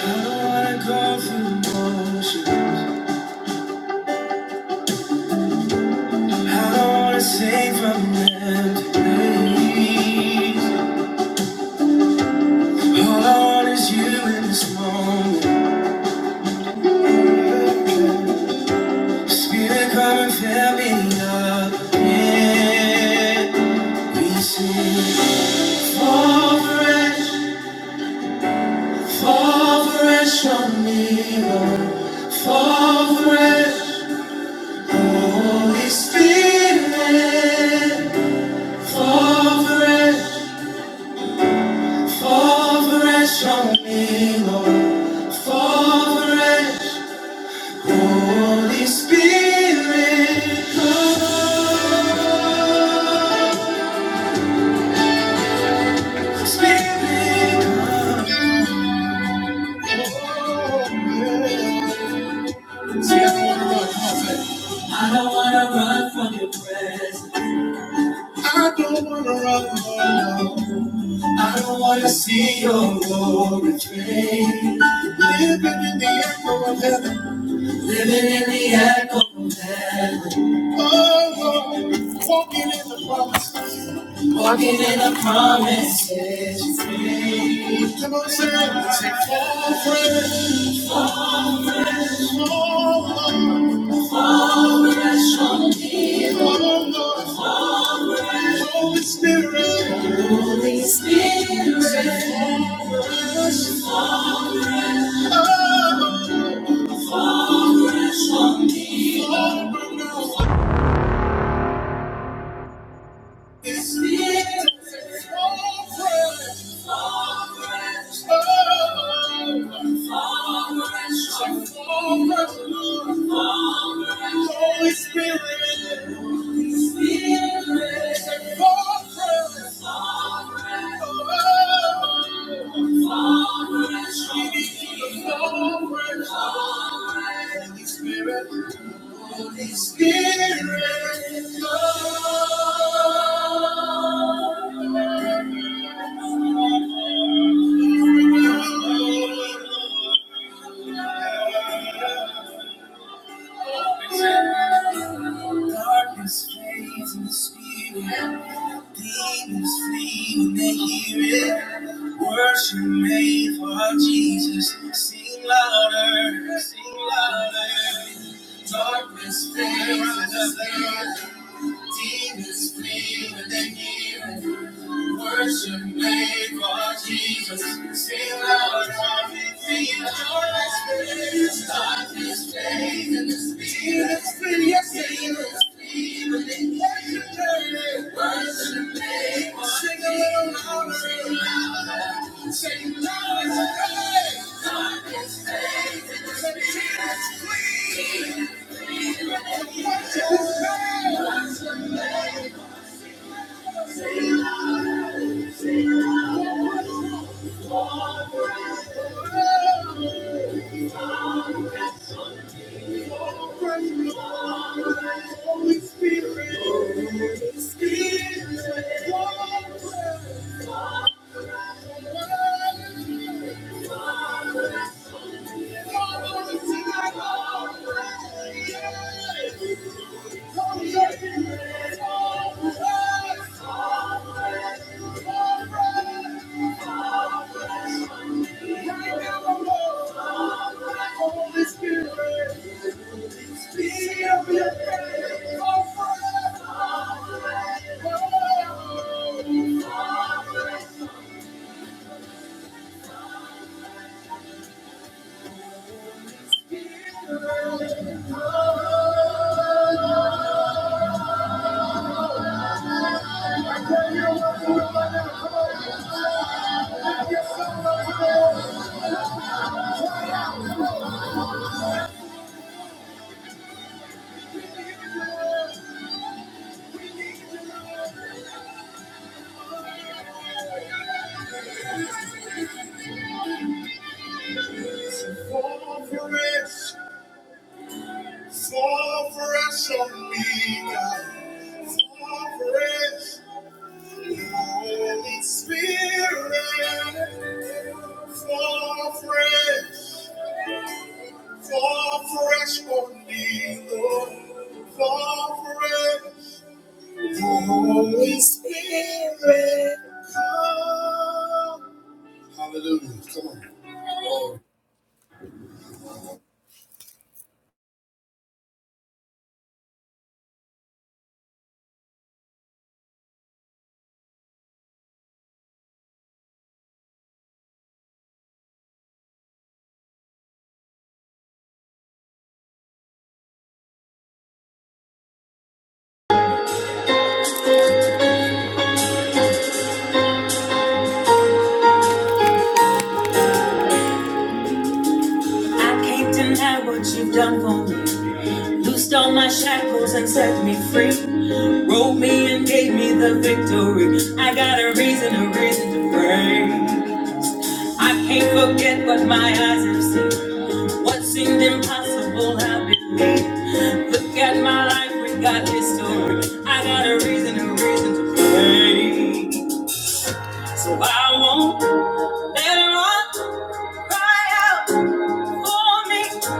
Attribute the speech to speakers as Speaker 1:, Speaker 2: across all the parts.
Speaker 1: I don't wanna go through the motions. I don't wanna sing from empty place. All I want is you in this moment. Spirit, come and fill me up. Yeah, we sing. Fall fresh, fall fresh on me, Fall fresh, Holy Spirit. Fall fresh, fall fresh on me, Lord. Fall fresh, Holy Spirit. Come, Spirit, come. See, I don't wanna run, come on, say. I don't wanna run from your presence. I don't wanna run. no. I don't wanna see your glory fade. Living in the echo of heaven. Living in the echo of heaven. Oh, Lord, walking in the promise. Walking in the promises made. Come on, sing it. Say, fall fresh, fall fresh on me. Lord. Oh, Lord, Holy Spirit. Holy Spirit. Say, Fall fresh. oh, Lord, This is forward, forward, forward, forward, forward, Holy Spirit, Holy Spirit, say forward, forward, we need you to forward, Holy Spirit, Holy Spirit, come. Darkness fades in the spirit. Demons flee when they hear it. Worship made for our Jesus. Sing louder, sing louder. Darkness fades in the spirit. Demons flee when they hear it. Worship made for Jesus. Sing loud, come and feel the darkness flee. Darkness flee, and the spirit is free. Yes, the spirit is free. When they worship made, worship made for Jesus. Sing a little louder, sing louder. Sing louder, say, Darkness flee, and the spirit is free. Worship made, worship made. Spirit, Holy Spirit, be of your presence, oh, forever. Fall fresh, fall fresh on me, God. Fall fresh, Holy Spirit. Fall fresh, fall fresh on me, Lord. Fall fresh, Holy Spirit. Come. Hallelujah. Come on. I can't deny what you've done for me. Loosed all my shackles and set me free. Wrote me and gave me the victory. I got a reason, a reason to pray. I can't forget what my eyes have seen. What seemed impossible, I believe. Look at my life, we got history. I got a reason, a reason to pray. So I won't let it run, cry out for me.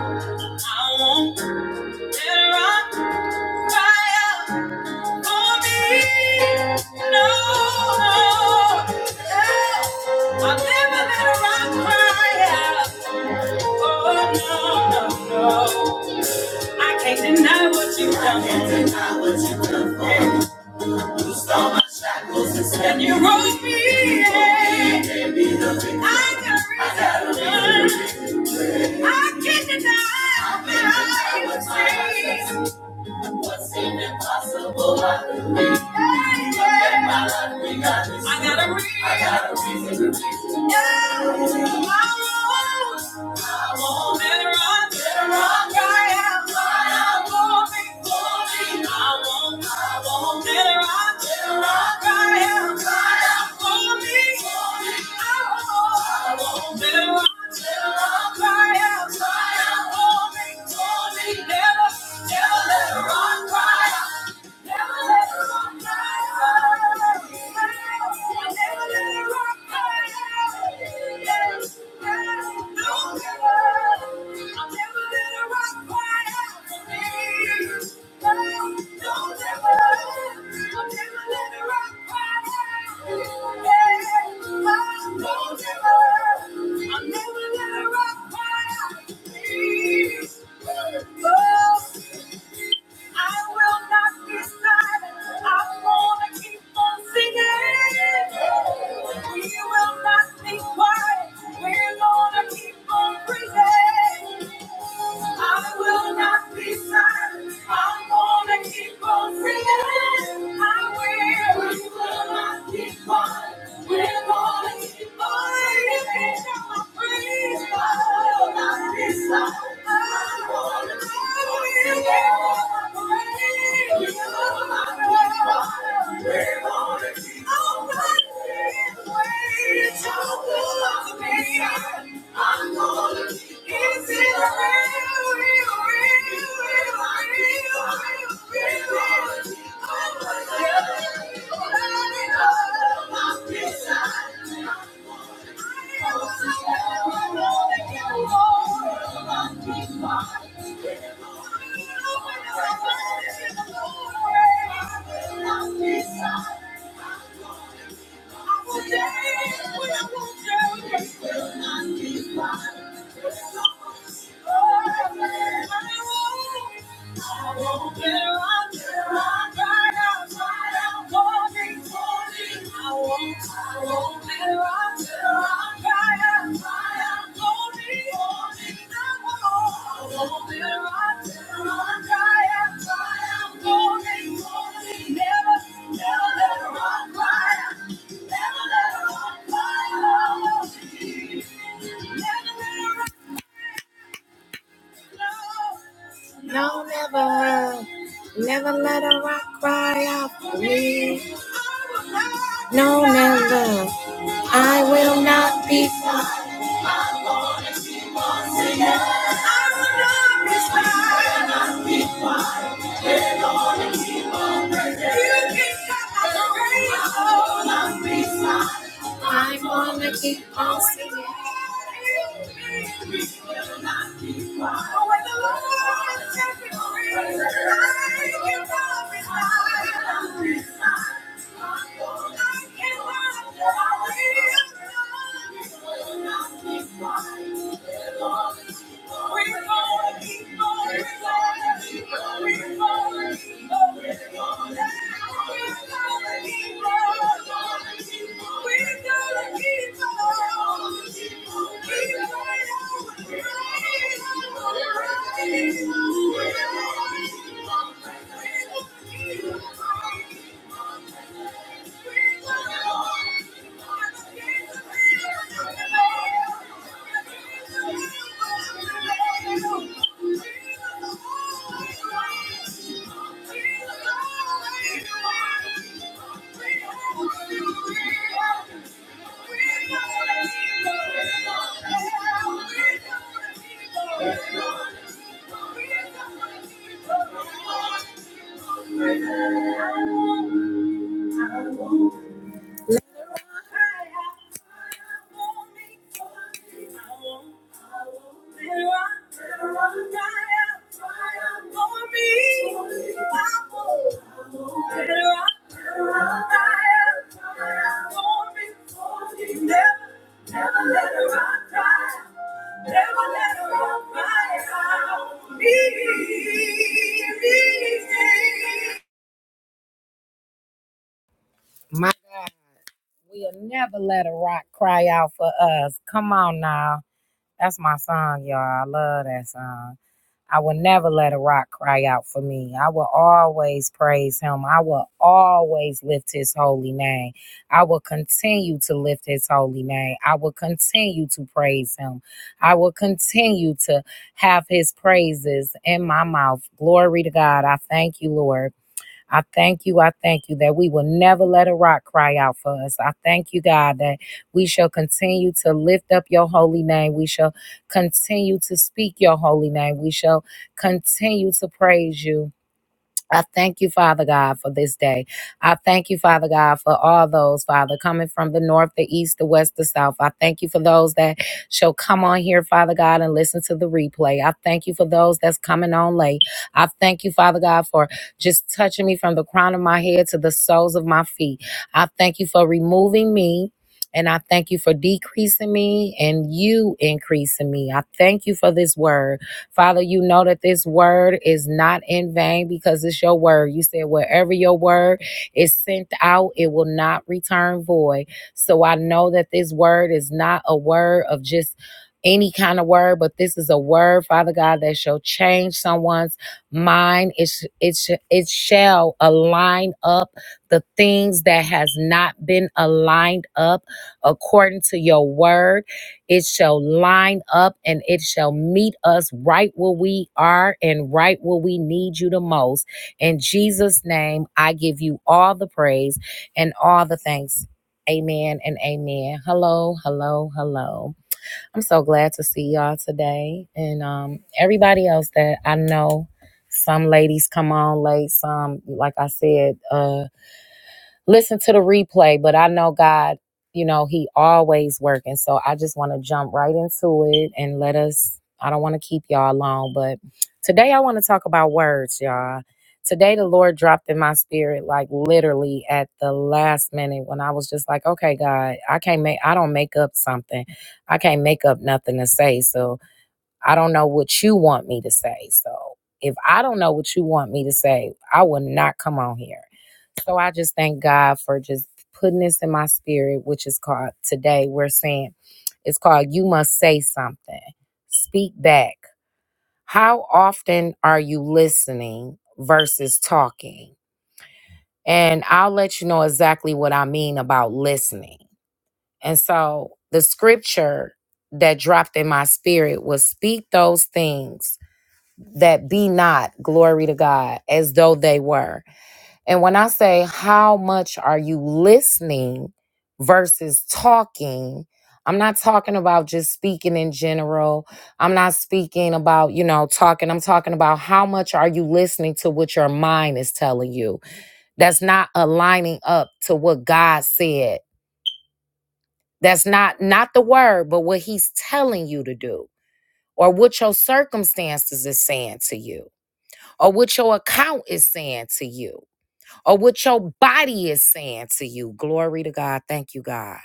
Speaker 1: I won't let it run. Deny what you've done, and you rose me. yeah. I got reason. I can't deny that I was saved. What seemed impossible, I got a reason. I got a reason. Never let her run dry. Never let her run dry i will never let a rock cry out. Please, oh. I will not be silent. I'm gonna keep on singing. We will not be quiet. We're gonna keep on praising. I will not be silent. I'm gonna keep on singing. I will. We will not be quiet. We're gonna keep on praising. I will not I'm I won't, I won't, I won't, no, never, never let a rock cry out for me. No, never, I will not be Thank you. can stop my brain. I'm gonna keep on singing. don't I I won't. I won't. Never let her rock die. Never let her rock die. Me, me, me. My God. We'll never let a rock cry out for us. Come on now. That's my song, y'all. I love that song. I will never let a rock cry out for me. I will always praise him. I will always lift his holy name. I will continue to lift his holy name. I will continue to praise him. I will continue to have his praises in my mouth. Glory to God. I thank you, Lord. I thank you. I thank you that we will never let a rock cry out for us. I thank you, God, that we shall continue to lift up your holy name. We shall continue to speak your holy name. We shall continue to praise you. I thank you, Father God, for this day. I thank you, Father God, for all those, Father, coming from the north, the east, the west, the south. I thank you for those that shall come on here, Father God, and listen to the replay. I thank you for those that's coming on late. I thank you, Father God, for just touching me from the crown of my head to the soles of my feet. I thank you for removing me. And I thank you for decreasing me and you increasing me. I thank you for this word. Father, you know that this word is not in vain because it's your word. You said, wherever your word is sent out, it will not return void. So I know that this word is not a word of just any kind of word, but this is a word, Father God, that shall change someone's mind. It, sh- it, sh- it shall align up the things that has not been aligned up according to your word it shall line up and it shall meet us right where we are and right where we need you the most. In Jesus' name, I give you all the praise and all the thanks. Amen and amen. Hello, hello, hello. I'm so glad to see y'all today. And um, everybody else that I know, some ladies come on late, some, like I said, uh listen to the replay, but I know God, you know, He always working. So I just want to jump right into it and let us, I don't want to keep y'all long, but today I want to talk about words, y'all. Today the Lord dropped in my spirit, like literally at the last minute when I was just like, okay, God, I can't make, I don't make up something. I can't make up nothing to say. So I don't know what you want me to say. So if I don't know what you want me to say, I will not come on here. So I just thank God for just putting this in my spirit, which is called today. We're saying it's called You Must Say Something. Speak back. How often are you listening versus talking? And I'll let you know exactly what I mean about listening. And so the scripture that dropped in my spirit was speak those things that be not glory to God as though they were. And when I say how much are you listening versus talking, I'm not talking about just speaking in general. I'm not speaking about, you know, talking. I'm talking about how much are you listening to what your mind is telling you? That's not aligning up to what God said. That's not not the word, but what he's telling you to do or what your circumstances is saying to you or what your account is saying to you, or what your body is saying to you. Glory to God. Thank you, God.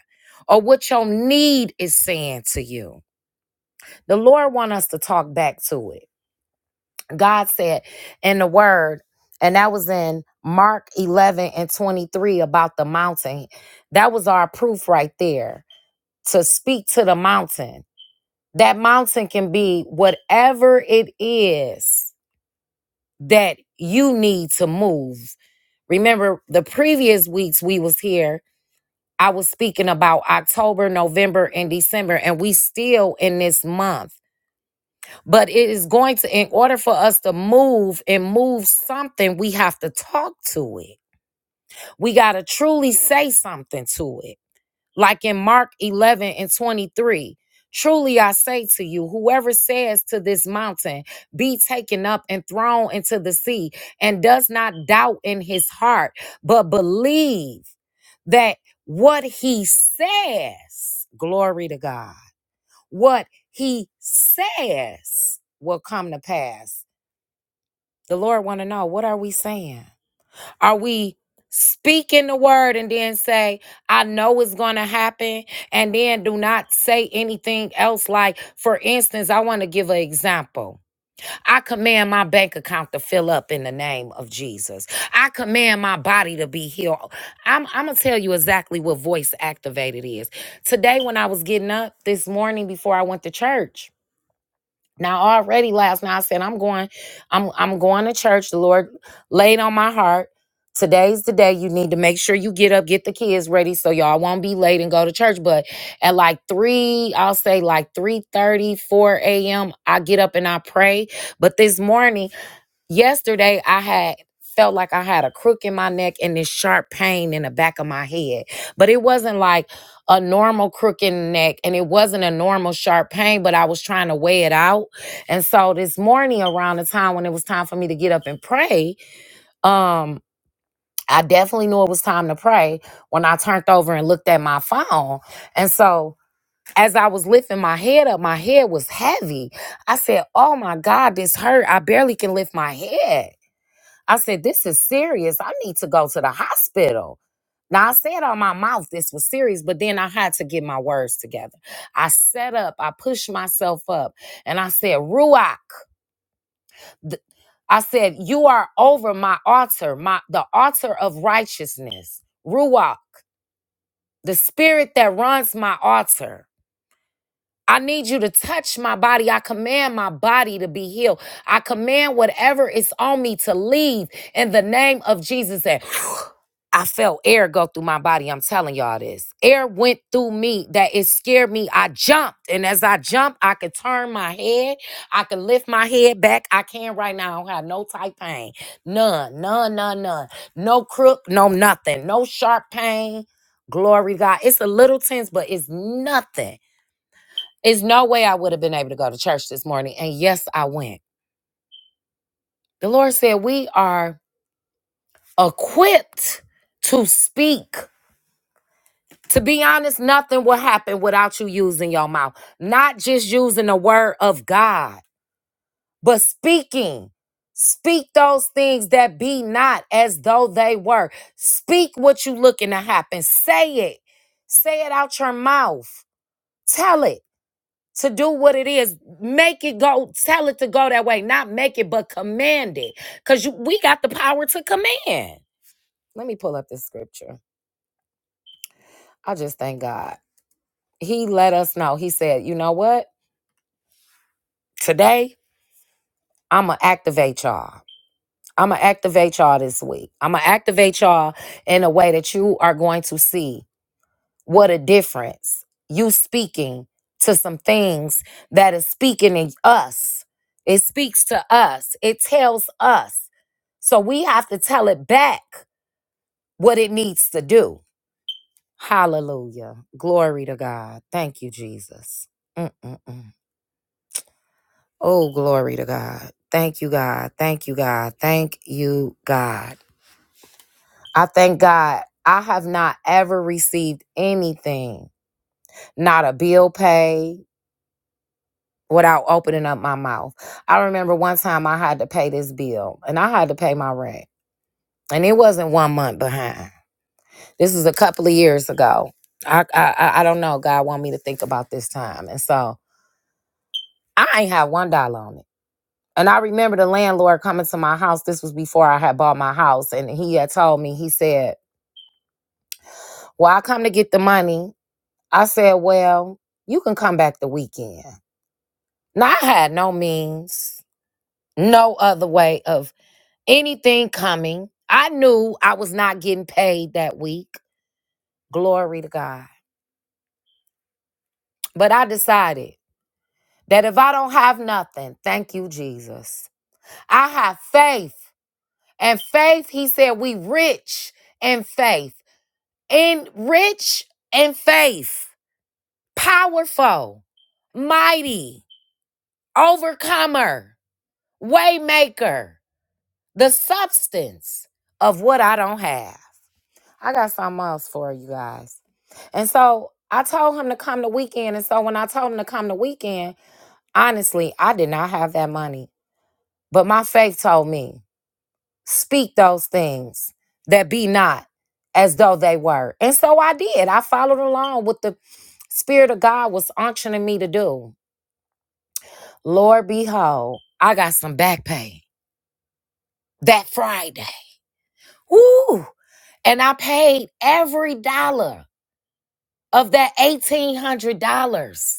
Speaker 1: Or what your need is saying to you. The Lord want us to talk back to it. God said in the word, and that was in Mark 11 and 23 about the mountain. That was our proof right there to speak to the mountain. That mountain can be whatever it is that you need to move. Remember the previous weeks we was here, I was speaking about October, November and December and we still in this month. But it is going to in order for us to move and move something, we have to talk to it. We got to truly say something to it like in Mark 11 and 23. Truly I say to you, whoever says to this mountain, be taken up and thrown into the sea, and does not doubt in his heart, but believe that what he says, glory to God, what he says will come to pass. The Lord want to know, what are we saying? Are we speaking the word and then say, I know it's going to happen? And then do not say anything else. Like, for instance, I want to give an example. I command my bank account to fill up in the name of Jesus. I command my body to be healed. I'm, I'm going to tell you exactly what voice activated is. Today, when I was getting up this morning before I went to church, now already last night I said I'm going, I'm I'm going to church. The Lord laid on my heart. Today's the day you need to make sure you get up, get the kids ready so y'all won't be late and go to church. But at like three, I'll say like three thirty, four 4 a.m. I get up and I pray. But this morning Yesterday, I had felt like I had a crook in my neck and this sharp pain in the back of my head. But it wasn't like a normal crook in the neck and it wasn't a normal sharp pain, but I was trying to weigh it out. And so this morning around the time when it was time for me to get up and pray, um I definitely knew it was time to pray when I turned over and looked at my phone. And so as I was lifting my head up, my head was heavy. I said, Oh my God, this hurt. I barely can lift my head. I said, This is serious. I need to go to the hospital. Now, I said on my mouth this was serious, but then I had to get my words together. I set up, I pushed myself up, and I said, Ruach, th- I said, You are over my altar, my the altar of righteousness. Ruach, the spirit that runs my altar. I need you to touch my body. I command my body to be healed. I command whatever is on me to leave in the name of Jesus. And I felt air go through my body. I'm telling y'all this. Air went through me that it scared me. I jumped. And as I jumped, I could turn my head. I could lift my head back. I can right now. I don't have no tight pain. None, none, none, none. No crook, no nothing. No sharp pain. Glory to God. It's a little tense, but it's nothing it's no way I would have been able to go to church this morning. And yes, I went. The Lord said we are equipped to speak. To be honest, nothing will happen without you using your mouth, not just using the word of God, but speaking. Speak those things that be not as though they were. Speak what you looking to happen. Say it. Say it out your mouth. Tell it. to do what it is. Make it go, tell it to go that way. Not make it, but command it. Because you, we got the power to command. Let me pull up this scripture. I just thank God. He let us know. He said, you know what? Today, I'm going to activate y'all. I'm going to activate y'all this week. I'm going to activate y'all in a way that you are going to see What a difference. You speaking to some things that is speaking in us. It speaks to us. It tells us. So we have to tell it back what it needs to do. Hallelujah. Glory to God. Thank you, Jesus. Mm-mm-mm. Oh, glory to God. Thank you, God. Thank you, God. Thank you, God. I thank God I have not ever received anything, not a bill paid without opening up my mouth. I remember one time I had to pay this bill and I had to pay my rent. And it wasn't one month behind. This was a couple of years ago. I I I don't know. God want me to think about this time. And so I ain't have one dollar on it. And I remember the landlord coming to my house. This was before I had bought my house. And he had told me, he said, Well, I come to get the money. I said, Well, you can come back the weekend. Now I had no means, no other way of. Anything coming. I knew I was not getting paid that week. Glory to God. But I decided that if I don't have nothing, thank you, Jesus. I have faith. And faith, he said, we rich in faith. In rich in faith. Powerful, mighty, overcomer, waymaker, the substance of what I don't have. I got something else for you guys. And so I told him to come the weekend. And so when I told him to come the weekend, honestly, I did not have that money. But my faith told me, speak those things that be not as though they were. And so I did. I followed along with the Spirit of God was unctioning me to do. Lord, behold, I got some back pay that Friday. Woo! And I paid every dollar of that $1,800.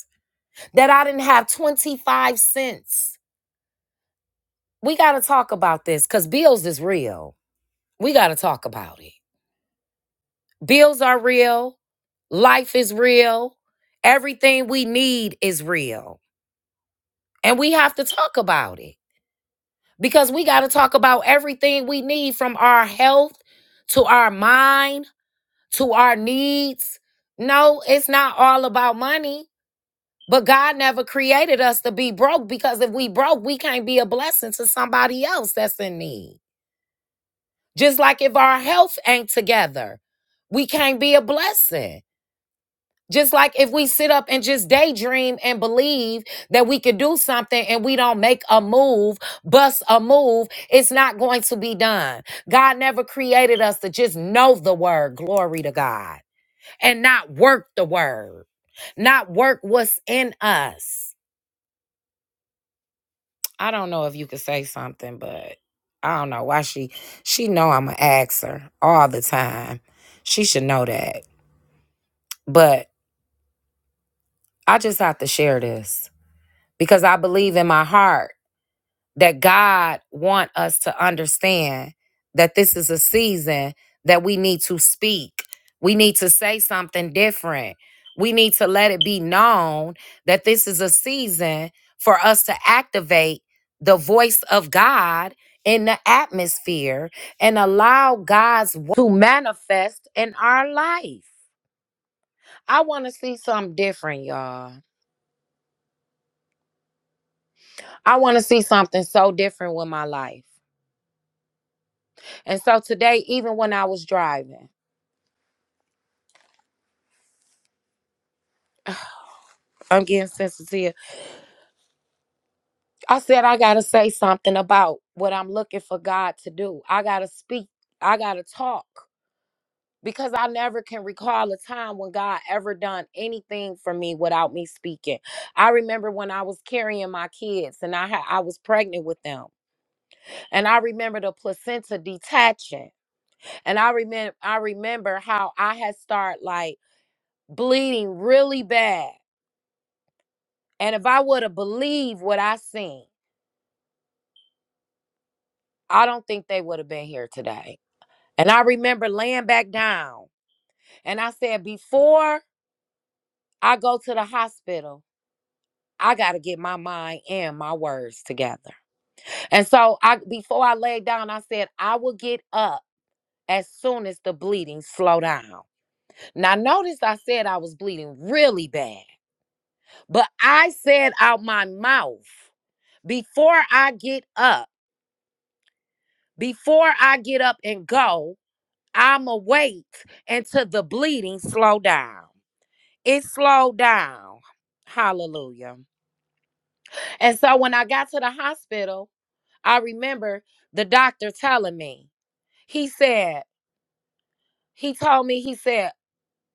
Speaker 1: that I didn't have 25 cents. We got to talk about this because bills is real. We got to talk about it. Bills are real. Life is real. Everything we need is real. And we have to talk about it because we got to talk about everything we need from our health to our mind to our needs. No, it's not all about money. But God never created us to be broke because if we broke, we can't be a blessing to somebody else that's in need. Just like if our health ain't together, we can't be a blessing. Just like if we sit up and just daydream and believe that we could do something and we don't make a move, bust a move, it's not going to be done. God never created us to just know the word, glory to God, and not work the word, not work what's in us. I don't know if you could say something, but I don't know why she she know I'm an her all the time. She should know that. But I just have to share this because I believe in my heart that God want us to understand that this is a season that we need to speak. We need to say something different. We need to let it be known that this is a season for us to activate the voice of God in the atmosphere and allow God's wo- to manifest in our life. I want to see something different, y'all. I want to see something so different with my life. And so today, even when I was driving, I'm getting sensitive. I said I gotta say something about what I'm looking for God to do. I gotta speak. I gotta talk because I never can recall a time when God ever done anything for me without me speaking. I remember when I was carrying my kids and I ha- I was pregnant with them, and I remember the placenta detaching, and I remember I remember how I had started like bleeding really bad, and if I would have believed what I seen. I don't think they would have been here today. And I remember laying back down and I said, before I go to the hospital, I got to get my mind and my words together. And so I before I laid down, I said, I will get up as soon as the bleeding slow down. Now notice I said I was bleeding really bad, but I said out my mouth, before I get up, before I get up and go, I'ma wait until the bleeding slow down. It slowed down. Hallelujah. And so when I got to the hospital, I remember the doctor telling me, he said, he told me, he said,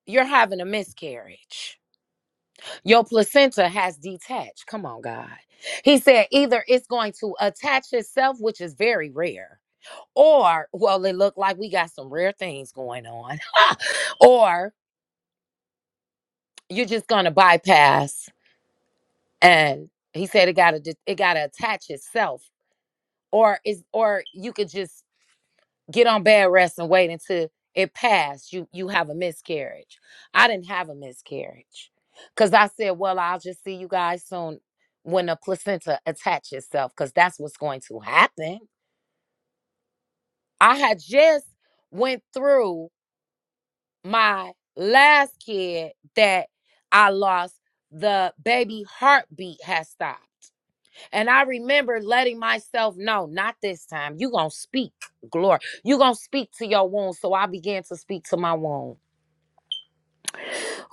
Speaker 1: you're having a miscarriage. Your placenta has detached. Come on, God. He said, either it's going to attach itself, which is very rare, or, well, it looked like we got some rare things going on, or you're just going to bypass and he said it gotta de- it gotta attach itself or is or you could just get on bed rest and wait until it passed you you have a miscarriage i didn't have a miscarriage because i said well i'll just see you guys soon when the placenta attaches itself because that's what's going to happen i had just went through my last kid that i lost the baby heartbeat has stopped And I remember letting myself know, not this time. you going to speak, glory. you going to speak to your wounds. So I began to speak to my wound.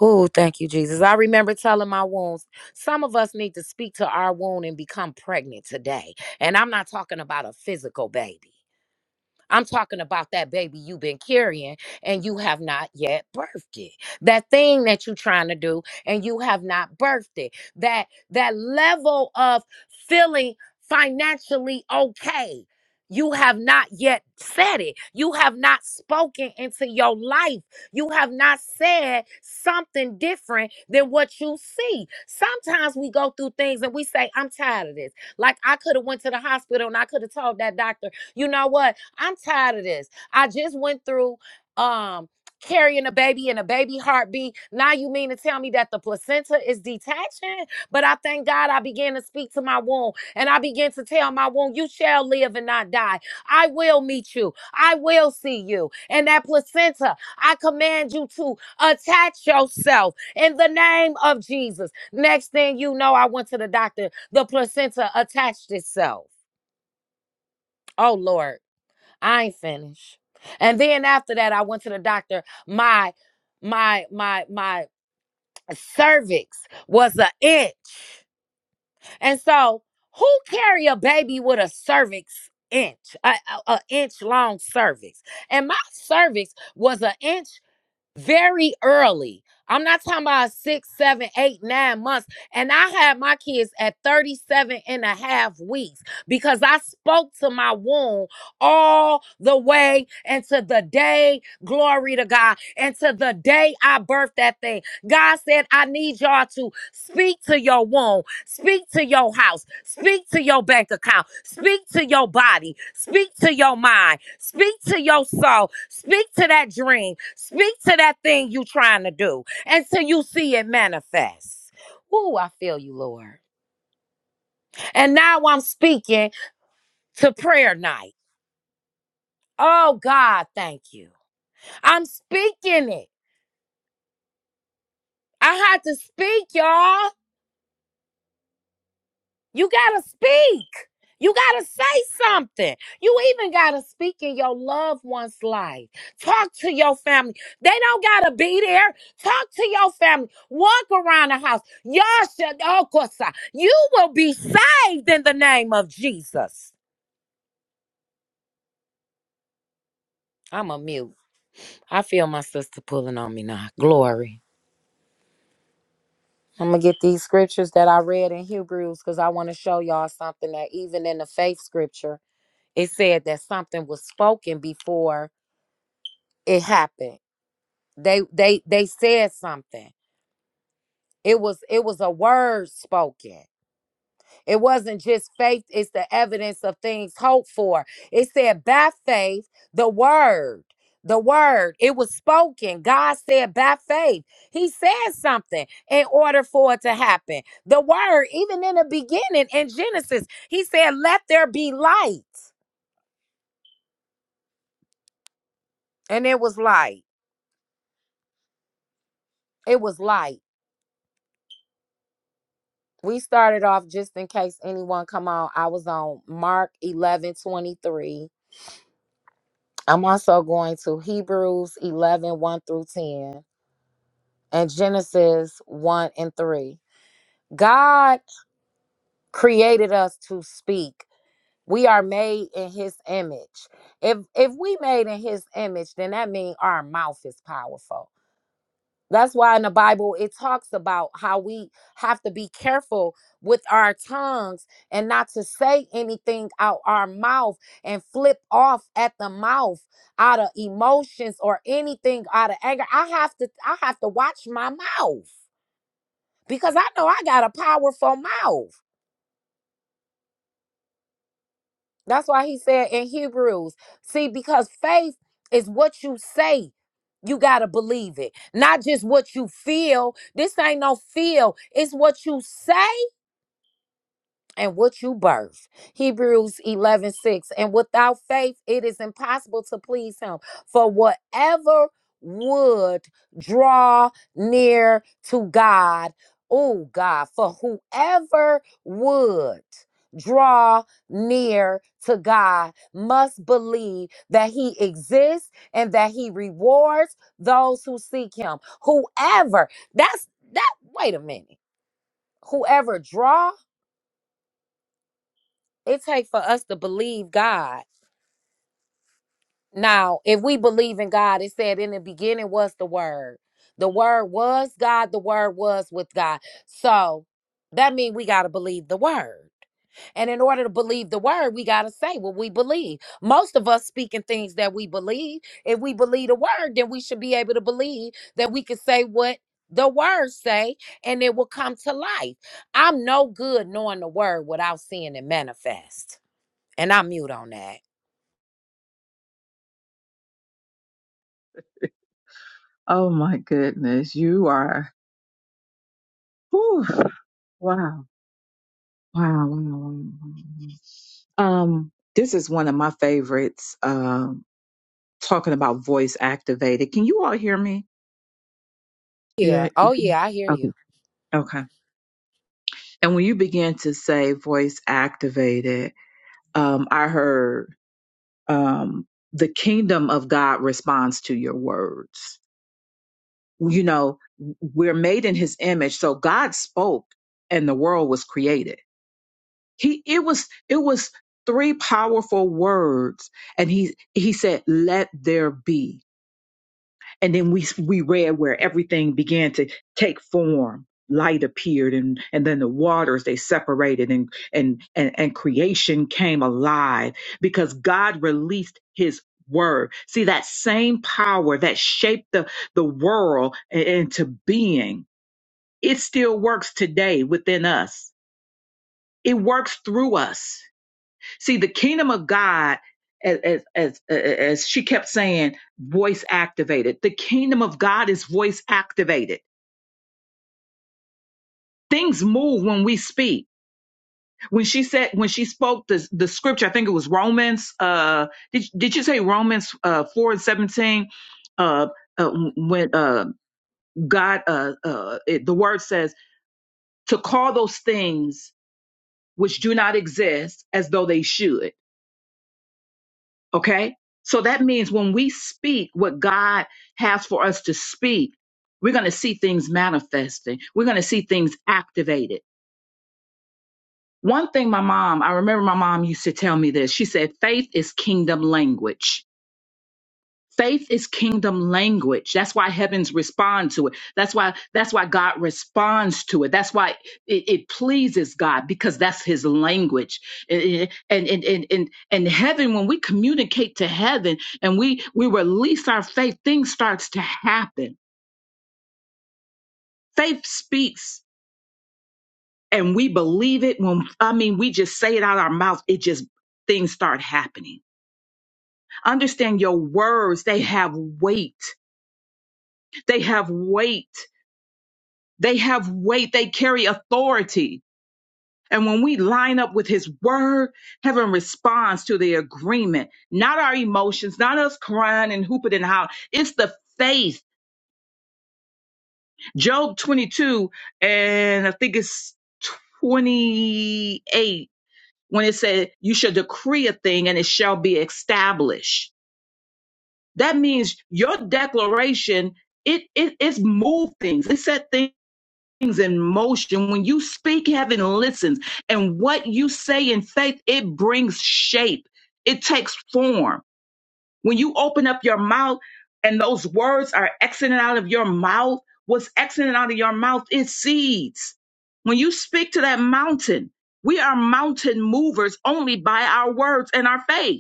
Speaker 1: Oh, thank you, Jesus. I remember telling my wounds, some of us need to speak to our wound and become pregnant today. And I'm not talking about a physical baby. I'm talking about that baby you've been carrying and you have not yet birthed it. That thing that you're trying to do and you have not birthed it. That that level of feeling financially okay. You have not yet said it. You have not spoken into your life. You have not said something different than what you see. Sometimes we go through things and we say, "I'm tired of this." Like I could have went to the hospital and I could have told that doctor, "You know what? I'm tired of this. I just went through um carrying a baby and a baby heartbeat. Now you mean to tell me that the placenta is detaching? But I thank God I began to speak to my womb and I began to tell my womb, you shall live and not die. I will meet you. I will see you. And that placenta, I command you to attach yourself in the name of Jesus. Next thing you know, I went to the doctor. The placenta attached itself. Oh Lord. I ain't finished. And then after that, I went to the doctor. My my my my cervix was an inch. And so, who carry a baby with a cervix inch, a, a, a inch long cervix? And my cervix was an inch very early. I'm not talking about six, seven, eight, nine months. And I had my kids at thirty-seven and a half weeks because I spoke to my womb all the way into the day, glory to God, into the day I birthed that thing. God said, I need y'all to speak to your womb. Speak to your house. Speak to your bank account. Speak to your body. Speak to your mind. Speak to your soul. Speak to that dream. Speak to that thing you trying to do until you see it manifest. Ooh, I feel you, Lord. And now I'm speaking to prayer night. Oh, God, thank you. I'm speaking it. I had to speak, y'all. You gotta speak. You gotta say something. You even gotta speak in your loved one's life. Talk to your family. They don't gotta be there. Talk to your family. Walk around the house. Y'all should, oh, of course, I- you will be saved in the name of Jesus. I'm a mute. I feel my sister pulling on me now. Glory. I'm gonna get these scriptures that I read in Hebrews because I want to show y'all something that even in the faith scripture, it said that something was spoken before it happened they they they said something it was it was a word spoken it wasn't just faith it's the evidence of things hoped for it said by faith the word the word it was spoken god said by faith he said something in order for it to happen the word even in the beginning in genesis he said let there be light and it was light it was light we started off just in case anyone come on i was on mark eleven twenty three. i'm also going to hebrews eleven one through 10 and genesis 1 and 3 god created us to speak we are made in his image if if we made in his image then that means our mouth is powerful That's why in the Bible it talks about how we have to be careful with our tongues and not to say anything out our mouth and flip off at the mouth out of emotions or anything out of anger. I have to I have to watch my mouth because I know I got a powerful mouth. That's why he said in Hebrews, see, because faith is what you say. You got to believe it, not just what you feel. This ain't no feel, it's what you say and what you birth. Hebrews eleven six. And without faith, it is impossible to please him. For whatever would draw near to God, oh God, for whoever would draw near to God must believe that he exists and that he rewards those who seek him. Whoever, that's that, wait a minute. Whoever draw it takes for us to believe God. Now, if we believe in God, it said in the beginning was the word. The word was God, the word was with God. So that means we gotta believe the word. And in order to believe the word, we gotta say what we believe. Most of us speaking things that we believe. If we believe the word, then we should be able to believe that we can say what the word say and it will come to life. I'm no good knowing the word without seeing it manifest. And I'm mute on that.
Speaker 2: Oh my goodness, you are. whew, wow, wow, wow, wow, wow. wow. Um, this is one of my favorites. Um, talking about voice activated. Can you all hear me?
Speaker 1: Yeah.
Speaker 2: Yeah.
Speaker 1: Oh, yeah. I hear
Speaker 2: Okay.
Speaker 1: you.
Speaker 2: Okay. And when you began to say voice activated, um, I heard um, the kingdom of God responds to your words. You know, we're made in His image, so God spoke, and the world was created he it was it was three powerful words and he he said let there be and then we we read where everything began to take form light appeared and and then the waters they separated and and and, and creation came alive because god released his word see that same power that shaped the the world i- into being it still works today within us it works through us See, the kingdom of God, as as as she kept saying, voice activated. The kingdom of God is voice activated. Things move when we speak. When she said, when she spoke the the scripture, I think it was Romans. Uh, did did you say Romans uh four and seventeen? Uh, uh, when uh God uh uh it, the word says to call those things which do not exist as though they should Okay. So that means when we speak what God has for us to speak, we're going to see things manifesting. We're going to see things activated. One thing my mom, I remember my mom used to tell me this. She said, faith is kingdom language. Faith is kingdom language. That's why heavens respond to it. That's why that's why God responds to it. That's why it, it pleases God because that's his language. Eh, eh, And and and and and heaven when we communicate to heaven and we we release our faith, things starts to happen. Faith speaks and we believe it when I mean we just say it out our mouth, it just things start happening. Understand your words, they have weight. They have weight. They have weight, they carry authority. And when we line up with his word, heaven responds to the agreement, not our emotions, not us crying and hooping and hollering. It's the faith. Job 22, and I think it's 28, when it said, You shall decree a thing and it shall be established. That means your declaration, it, it, it's moved things, it set things. things in motion. When you speak, heaven listens. And what you say in faith, it brings shape, it takes form. When you open up your mouth and those words are exiting out of your mouth, what's exiting out of your mouth is seeds. When you speak to that mountain, we are mountain movers only by our words and our faith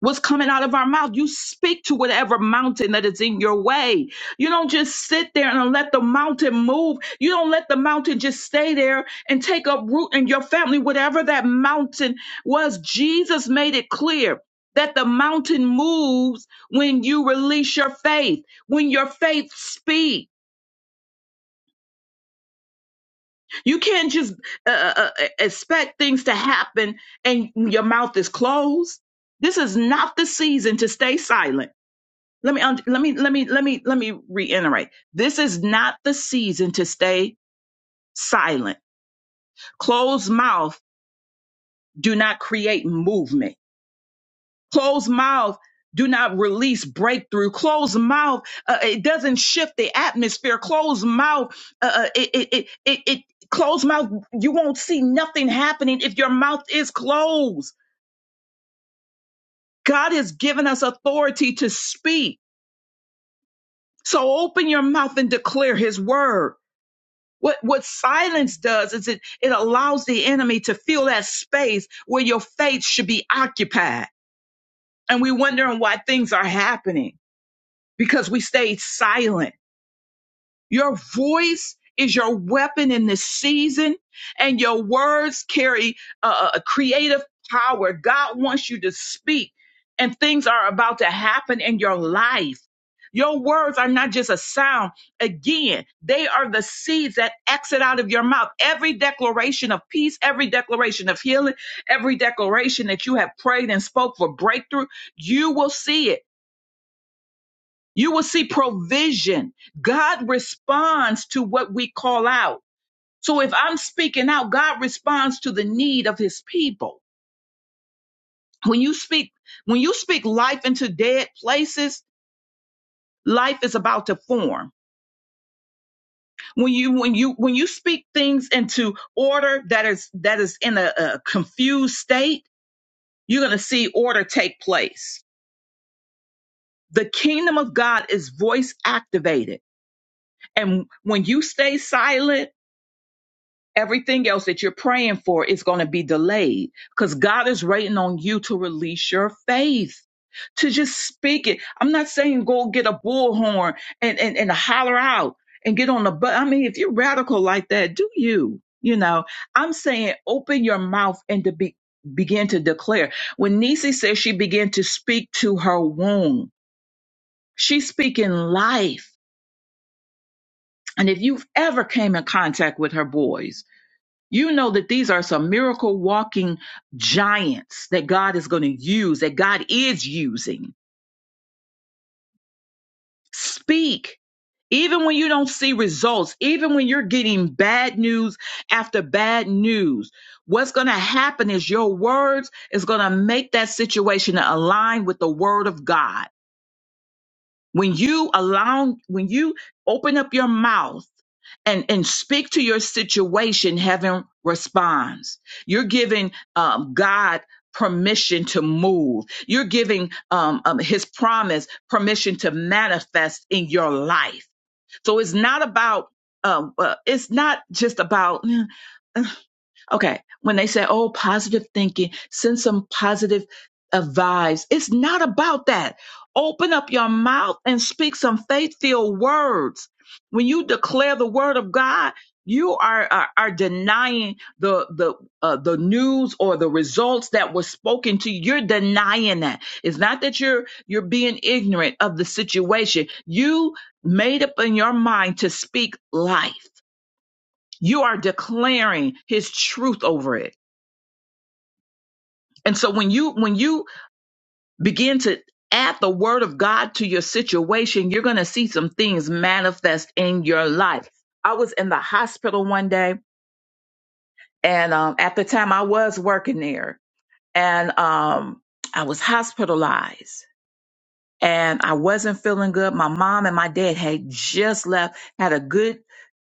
Speaker 2: what's coming out of our mouth. You speak to whatever mountain that is in your way. You don't just sit there and let the mountain move. You don't let the mountain just stay there and take up root in your family, whatever that mountain was. Jesus made it clear. That the mountain moves when you release your faith, when your faith speaks, You can't just uh, uh, uh, e-, expect things to happen and your mouth is closed. This is not the season to stay silent. let me und- let me let me let me let me reiterate this is not the season to stay silent closed mouth do not create movement closed mouth do not release breakthrough closed mouth uh, it doesn't shift the atmosphere closed mouth uh, uh, it it it, it, it closed mouth you won't see nothing happening if your mouth is closed god has given us authority to speak so open your mouth and declare his word What what silence does is it it allows the enemy to fill that space where your faith should be occupied. And we're wondering why things are happening because we stayed silent your voice is your weapon in this season, and your words carry uh, a creative power. God wants you to speak, and things are about to happen in your life. Your words are not just a sound. Again, they are the seeds that exit out of your mouth. Every declaration of peace, every declaration of healing, every declaration that you have prayed and spoke for breakthrough, you will see it you will see provision. God responds to what we call out. So if I'm speaking out, God responds to the need of his people. When you speak, when you speak life into dead places, life is about to form. When you when you when you speak things into order that is that is in a, a confused state, you're going to see order take place. The kingdom of God is voice activated. And when you stay silent, everything else that you're praying for is going to be delayed because God is waiting on you to release your faith, to just speak it. I'm not saying go get a bullhorn and, and, and holler out and get on the butt. I mean, if you're radical like that, do you? You know, I'm saying open your mouth and to be, begin to declare. When Nisi says she began to speak to her womb, she's speaking life. And if you've ever came in contact with her boys, you know that these are some miracle walking giants that God is going to use, that God is using. Speak even when you don't see results, even when you're getting bad news after bad news, what's going to happen is your words is going to make that situation align with the word of God. When you allow, when you open up your mouth and and speak to your situation heaven responds you're giving um, god permission to move you're giving um, um, his promise permission to manifest in your life so it's not about um, uh, it's not just about Okay. When they say, oh, positive thinking, send some positive uh, vibes. It's not about that. Open up your mouth and speak some faith filled words. When you declare the word of God, you are, are, are denying the the uh, the news or the results that were spoken to you. You're denying that. It's not that you're you're being ignorant of the situation. You made up in your mind to speak life. You are declaring His truth over it and so when you when you begin to add the word of God to your situation, you're going to see some things manifest in your life. I was in the hospital one day and um at the time I was working there and um I was hospitalized and I wasn't feeling good. My mom and my dad had just left, had a good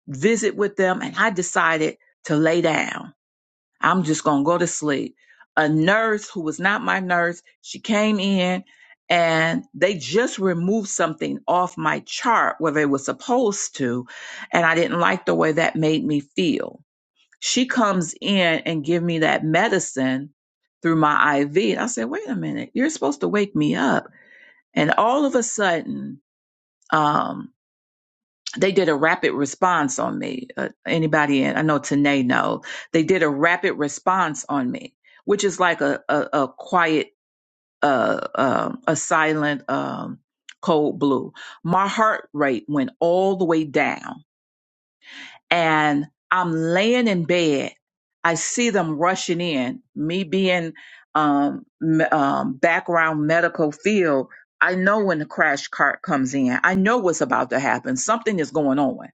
Speaker 2: visit with them and I decided to lay down. I'm just going to go to sleep. A nurse who was not my nurse, she came in and they just removed something off my chart where they were supposed to. And I didn't like the way that made me feel. She comes in and give me that medicine through my IV. And I said, wait a minute, you're supposed to wake me up. And all of a sudden, um, they did a rapid response on me. Uh, anybody in, I know Tanae know, they did a rapid response on me, which is like a, a, a quiet, uh, um a silent, um, cold blue. My heart rate went all the way down and I'm laying in bed. I see them rushing in, me being, um, m- um, background medical field. I know when the crash cart comes in, I know what's about to happen. Something is going on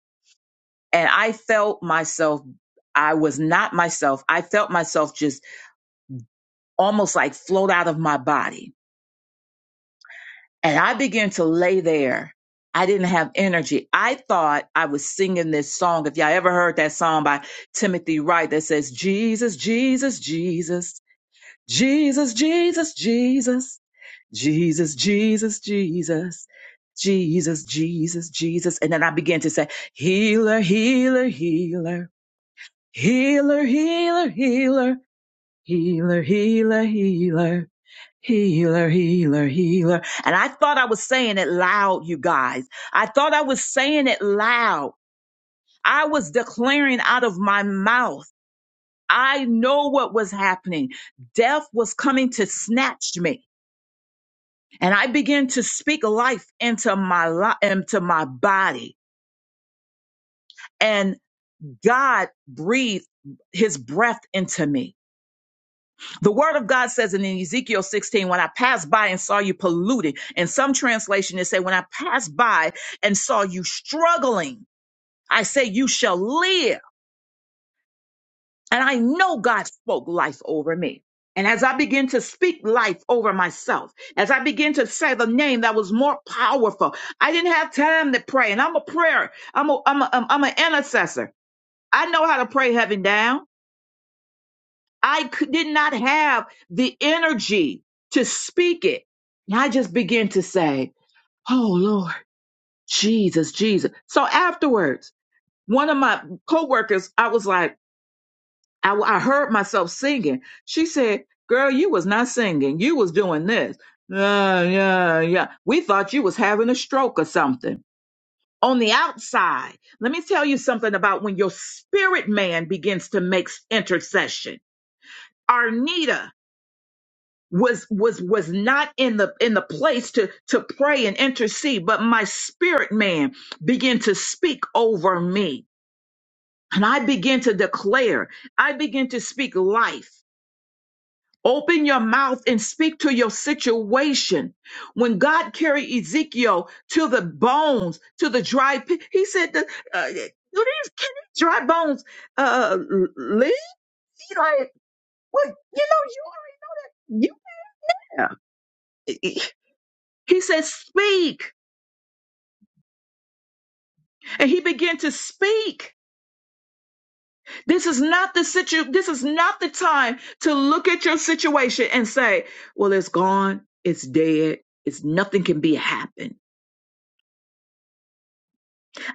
Speaker 2: and I felt myself, I was not myself. I felt myself just almost like float out of my body. And I began to lay there. I didn't have energy. I thought I was singing this song. If y'all ever heard that song by Timothy Wright that says, Jesus, Jesus, Jesus, Jesus, Jesus, Jesus, Jesus, Jesus, Jesus, Jesus, Jesus, Jesus. And then I began to say, Healer, healer, healer. Healer, healer, healer, healer, healer, healer, healer, healer, healer. And I thought I was saying it loud, you guys. I thought I was saying it loud. I was declaring out of my mouth. I know what was happening. Death was coming to snatch me. And I began to speak life into my li- into my body. And God breathed his breath into me. The word of God says in Ezekiel 16, when I passed by and saw you polluted, in some translation it say, when I passed by and saw you struggling, I say, you shall live. And I know God spoke life over me. And as I begin to speak life over myself, as I begin to say the name that was more powerful, I didn't have time to pray. And I'm a prayer. I'm a, I'm a, I'm an intercessor. I know how to pray heaven down. I could, did not have the energy to speak it. And I just began to say, Oh Lord, Jesus, Jesus. So afterwards, one of my coworkers, I was like, I, I heard myself singing. She said, girl, you was not singing. You was doing this. Yeah, yeah, yeah. We thought you was having a stroke or something. On the outside, let me tell you something about when your spirit man begins to make intercession. Arnita, was was was not in the in the place to to pray and intercede but my spirit man began to speak over me and i began to declare i began to speak life open your mouth and speak to your situation when god carried ezekiel to the bones to the dry pit he said that uh, do these can these dry bones uh leave like well, you know you you, yeah he said speak and he began to speak. This is not the situ this is not the time to look at your situation and say, well, it's gone, it's dead, it's nothing can be happened.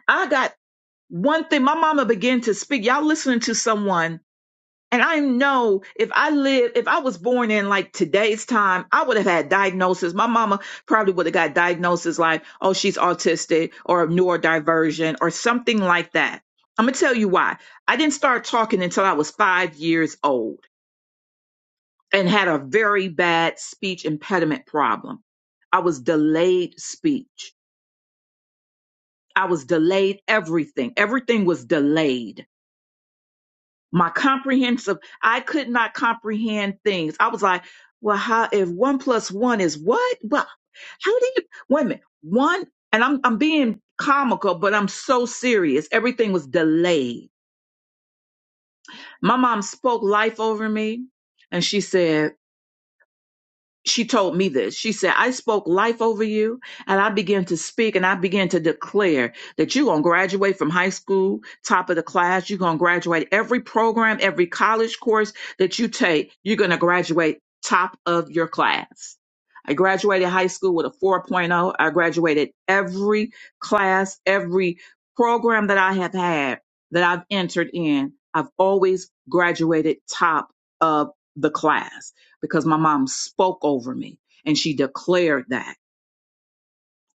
Speaker 2: I got one thing. My mama began to speak. Y'all listening to someone And I know if I live, if I was born in like today's time, I would have had diagnosis. My mama probably would have got diagnosis like, oh, she's autistic or neurodivergent or something like that. I'm going to tell you why. I didn't start talking until I was five years old and had a very bad speech impediment problem. I was delayed speech. I was delayed everything. Everything was delayed my comprehensive i could not comprehend things i was like well how if one plus one is what well how do you wait a minute one and i'm i'm being comical but i'm so serious everything was delayed my mom spoke life over me and she said she told me this. She said, I spoke life over you and I began to speak and I began to declare that you're going to graduate from high school, top of the class. You're going to graduate every program, every college course that you take. You're going to graduate top of your class. I graduated high school with a 4.0. I graduated every class, every program that I have had that I've entered in. I've always graduated top of the class because my mom spoke over me and she declared that.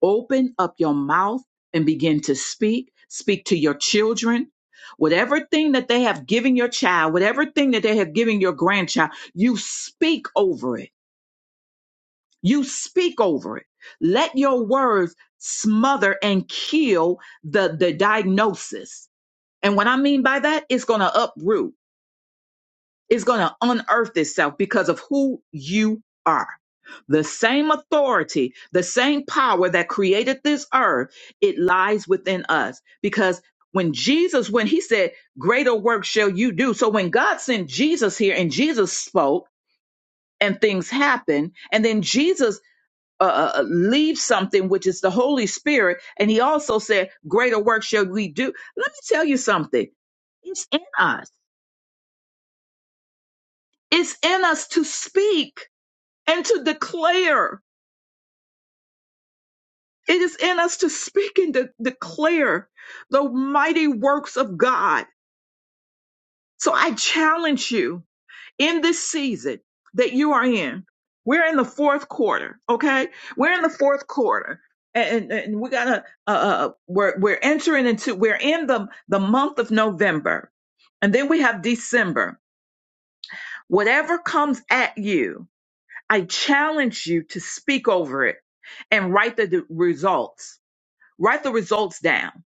Speaker 2: Open up your mouth and begin to speak. Speak to your children. Whatever thing that they have given your child, whatever thing that they have given your grandchild, you speak over it. You speak over it. Let your words smother and kill the, the diagnosis. And what I mean by that, it's going to uproot. is going to unearth itself because of who you are. The same authority, the same power that created this earth, it lies within us. Because when Jesus, when he said, Greater work shall you do. So when God sent Jesus here and Jesus spoke and things happened, and then Jesus uh, uh, uh, leaves something, which is the Holy Spirit, and he also said, Greater work shall we do. Let me tell you something. It's in us. It's in us to speak and to declare. It is in us to speak and de- declare the mighty works of God. So I challenge you in this season that you are in. We're in the fourth quarter, okay? We're in the fourth quarter. And, and we gotta uh, uh, uh, we're we're entering into we're in the the month of November, and then we have December. Whatever comes at you, I challenge you to speak over it and write the d- results Write the results down.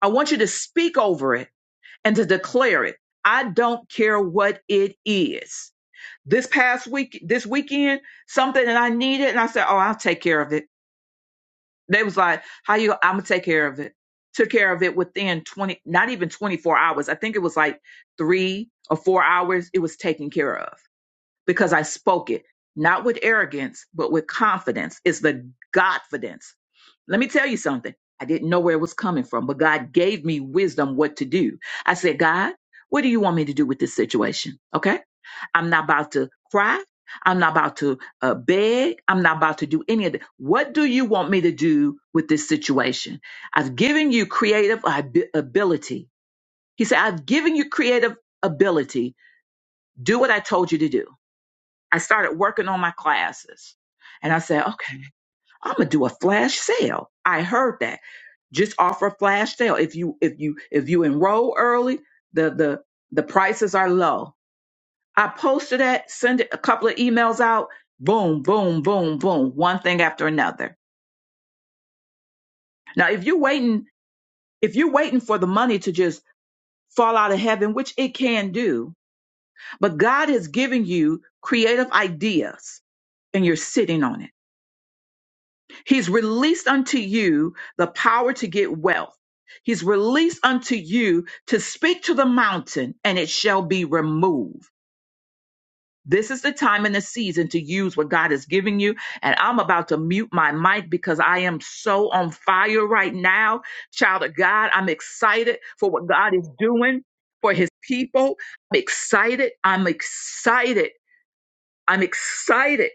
Speaker 2: I want you to speak over it and to declare it. I don't care what it is. This past week, this weekend, something that I needed, and I said, "Oh, I'll take care of it." They was like, "How you? I'm gonna take care of it." Took care of it within 20, not even 24 hours. I think it was like three or four hours. It was taken care of because I spoke it, not with arrogance, but with confidence. It's the Godfidence let me tell you something. I didn't know where it was coming from, but God gave me wisdom what to do. I said, God, what do you want me to do with this situation? Okay. I'm not about to cry. I'm not about to uh, beg. I'm not about to do any of that. What do you want me to do with this situation? I've given you creative ab- ability. He said, I've given you creative ability. Do what I told you to do. I started working on my classes and I said, okay. I'm gonna do a flash sale. I heard that. Just offer a flash sale. If you if you if you enroll early, the the the prices are low. I posted that, send it a couple of emails out, boom, boom, boom, boom, one thing after another. Now if you're waiting, if you're waiting for the money to just fall out of heaven, which it can do, but God has given you creative ideas and you're sitting on it He's released unto you the power to get wealth. He's released unto you to speak to the mountain and it shall be removed. This is the time and the season to use what God is giving you. And I'm about to mute my mic because I am so on fire right now. Child of God, I'm excited for what God is doing for his people. I'm excited. I'm excited. I'm excited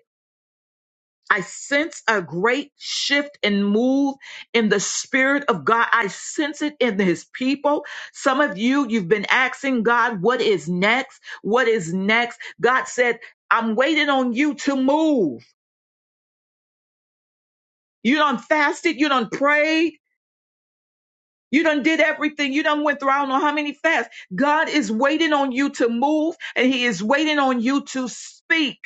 Speaker 2: I sense a great shift and move in the spirit of God. I sense it in his people. Some of you, you've been asking God, what is next? What is next? God said, I'm waiting on you to move. You done fasted. You done prayed. You done did everything. You done went through, I don't know how many fasts. God is waiting on you to move and he is waiting on you to speak.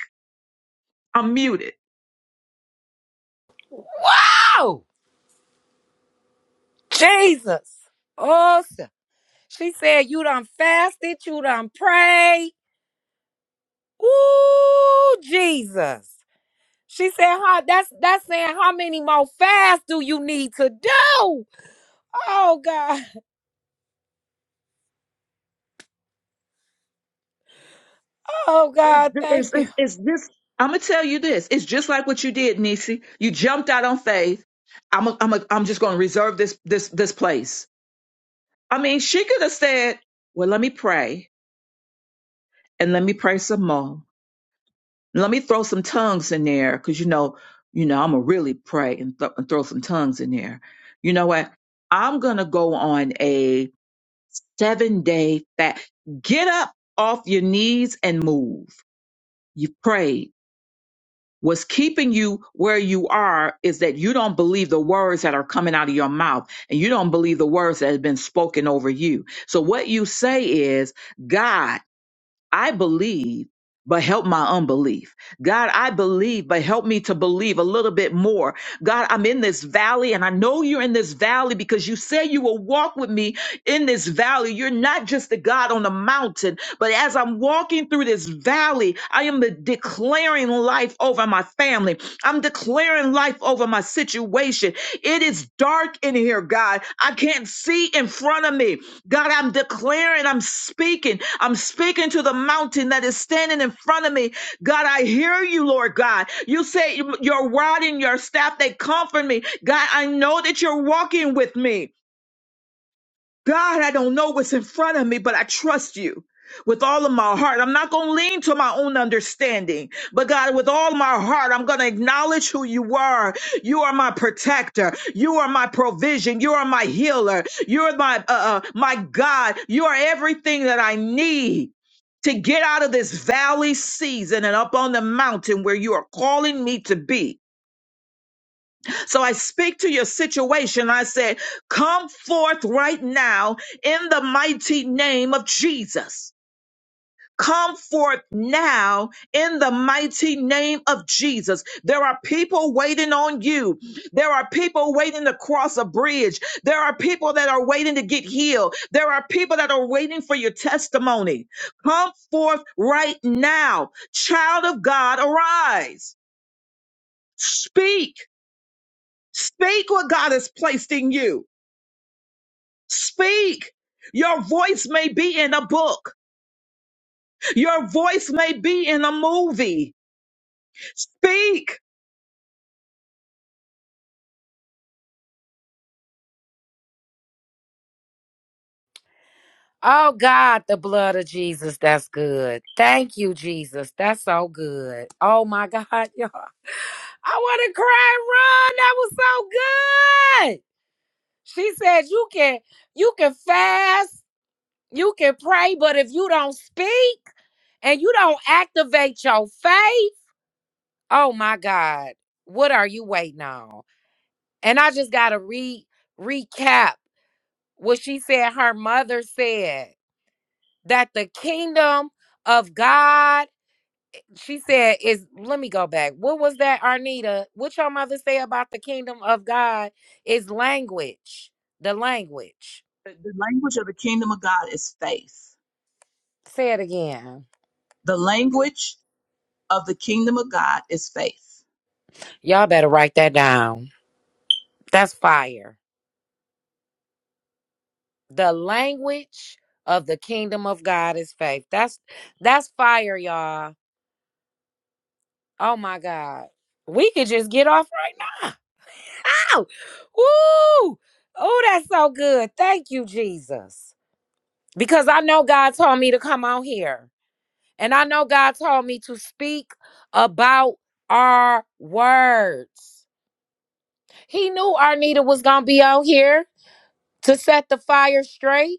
Speaker 2: I'm muted.
Speaker 1: Oh, Jesus. Awesome. She said, You done fasted. You done prayed. Ooh, Jesus. She said, huh, that's that's saying how many more fasts do you need to do? Oh God. Oh God, thank
Speaker 2: It's,
Speaker 1: you.
Speaker 2: it's, it's just, I'm going to tell you this. It's just like what you did, Nisi. You jumped out on faith. I'm, a, I'm, a, I'm just going to reserve this, this, this place. I mean, she could have said, well, let me pray and let me pray some more. Let me throw some tongues in there. Cause you know, you know, I'm going to really pray and, th- and throw some tongues in there. You know what? I'm going to go on a seven day fast. Get up off your knees and move. You prayed What's keeping you where you are is that you don't believe the words that are coming out of your mouth and you don't believe the words that have been spoken over you. So what you say is, God I believe, but help my unbelief. God, I believe, but help me to believe a little bit more. God, I'm in this valley and I know you're in this valley because you say you will walk with me in this valley. You're not just the God on the mountain, but as I'm walking through this valley, I am declaring life over my family. I'm declaring life over my situation. It is dark in here, God. I can't see in front of me. God, I'm declaring, I'm speaking, I'm speaking to the mountain that is standing in front of me. God, I hear you, Lord God. You say your rod and your staff, they comfort me. God, I know that you're walking with me. God, I don't know what's in front of me, but I trust you with all of my heart. I'm not going to lean to my own understanding, but God, with all my heart, I'm going to acknowledge who you are. You are my protector. You are my provision. You are my healer. You're my, uh, uh, my God. You are everything that I need. To get out of this valley season and up on the mountain where you are calling me to be. So I speak to your situation. I say, come forth right now in the mighty name of Jesus. Come forth now in the mighty name of Jesus. There are people waiting on you. There are people waiting to cross a bridge. There are people that are waiting to get healed. There are people that are waiting for your testimony. Come forth right now. Child of God, arise. Speak. Speak what God has placed in you. Speak. Your voice may be in a book. Your voice may be in a movie. Speak.
Speaker 1: Oh God, the blood of Jesus. That's good. Thank you, Jesus. That's so good. Oh my God, y'all. I want to cry, Ron. That was so good. She said you can you can fast, you can pray, but if you don't speak and you don't activate your faith, oh my God, what are you waiting on? And I just gotta re recap what she said her mother said that the kingdom of God, she said, is let me go back. What was that, Arnita? What your mother say about the kingdom of God is language. The language.
Speaker 2: The the language of the kingdom of God is faith.
Speaker 1: Say it again.
Speaker 2: The language of the kingdom of God is faith.
Speaker 1: Y'all better write that down. That's fire. The language of the kingdom of God is faith. That's that's fire, y'all. Oh my God. We could just get off right now. Ow! Woo! Oh, that's so good. Thank you, Jesus. Because I know God told me to come out here. And I know God told me to speak about our words. He knew Arnita was gonna be out here to set the fire straight.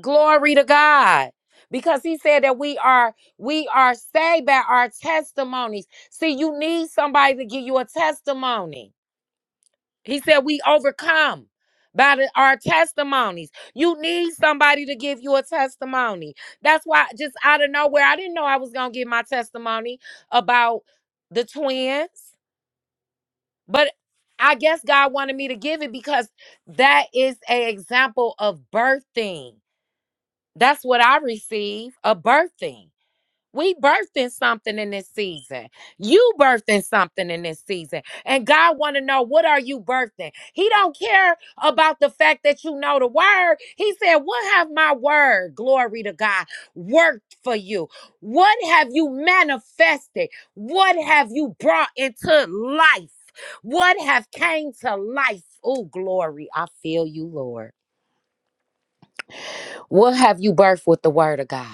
Speaker 1: Glory to God. Because he said that we are we are saved by our testimonies. See, you need somebody to give you a testimony. He said we overcome by the- our testimonies. You need somebody to give you a testimony. That's why just out of nowhere, I didn't know I was going to give my testimony about the twins, but I guess God wanted me to give it because that is an example of birthing. That's what I receive a birthing. We birthing something in this season. You birthing something in this season. And God want to know what are you birthing? He don't care about the fact that you know the word. He said, "What have my word, glory to God, worked for you? What have you manifested? What have you brought into life? What have came to life? Oh, glory. I feel you, Lord. What have you birthed with the word of God?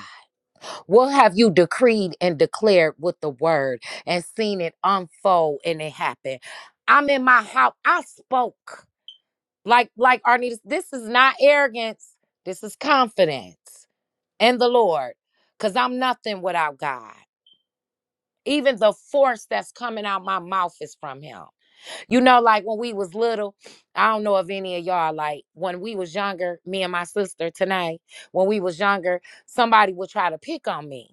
Speaker 1: What have you decreed and declared with the word and seen it unfold and it happen? I'm in my house. I spoke like like Arnita. This is not arrogance. This is confidence in the Lord, because I'm nothing without God. Even the force that's coming out my mouth is from Him. You know, like when we was little, I don't know if any of y'all like when we was younger. Me and my sister tonight, when we was younger, somebody would try to pick on me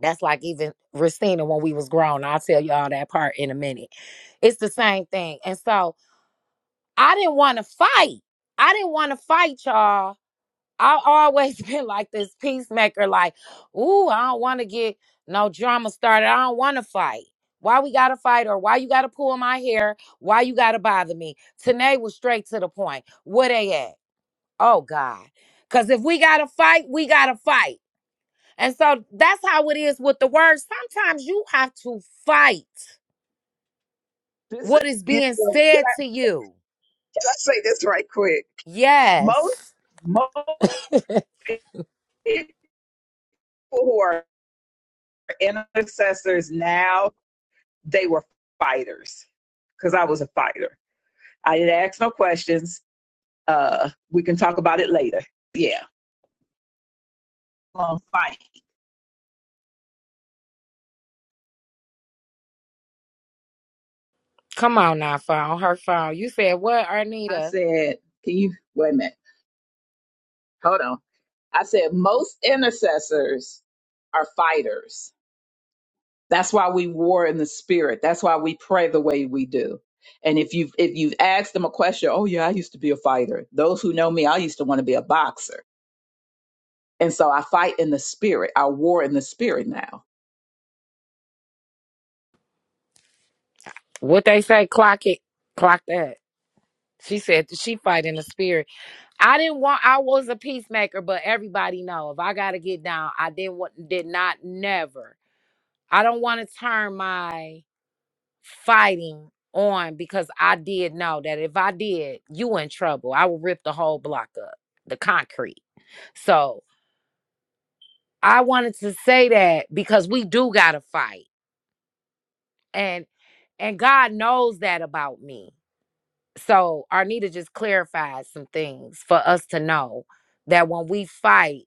Speaker 1: That's like even Racina when we was grown. I'll tell y'all that part in a minute. It's the same thing. And so I didn't want to fight. I didn't want to fight y'all. I always been like this peacemaker, like, ooh, I don't want to get no drama started. I don't want to fight. Why we gotta fight or why you gotta pull my hair? Why you gotta bother me? Tanae was straight to the point. Where they at? Oh God. Cause if we gotta fight, we gotta fight. And so that's how it is with the word. Sometimes you have to fight
Speaker 2: This,
Speaker 1: what is
Speaker 2: you
Speaker 1: being
Speaker 2: know, can
Speaker 1: said
Speaker 2: I
Speaker 1: to you.
Speaker 2: just say this right quick? Most
Speaker 1: Yes.
Speaker 2: most people who are intercessors now, they were fighters because I was a fighter. I didn't ask no questions. Uh, we can talk about it later. Yeah, long fight.
Speaker 1: Come on now, phone. Her phone. You said what,
Speaker 2: I
Speaker 1: Arnita?
Speaker 2: said, can you wait a minute? Hold on. I said, most intercessors are fighters. That's why we war in the spirit. That's why we pray the way we do. And if you've if you've asked them a question, oh yeah, I used to be a fighter. Those who know me, I used to want to be a boxer. And so I fight in the spirit. I war in the spirit now.
Speaker 1: What they say, clock it, clock that. She said that she fight in the spirit. I didn't want I was a peacemaker, but everybody know if I gotta get down, I didn't want did not never. I don't want to turn my fighting on because I did know that if I did, you in trouble. I would rip the whole block up, the concrete. So I wanted to say that because we do gotta fight. And and God knows that about me. So Arnita just clarified some things for us to know that when we fight,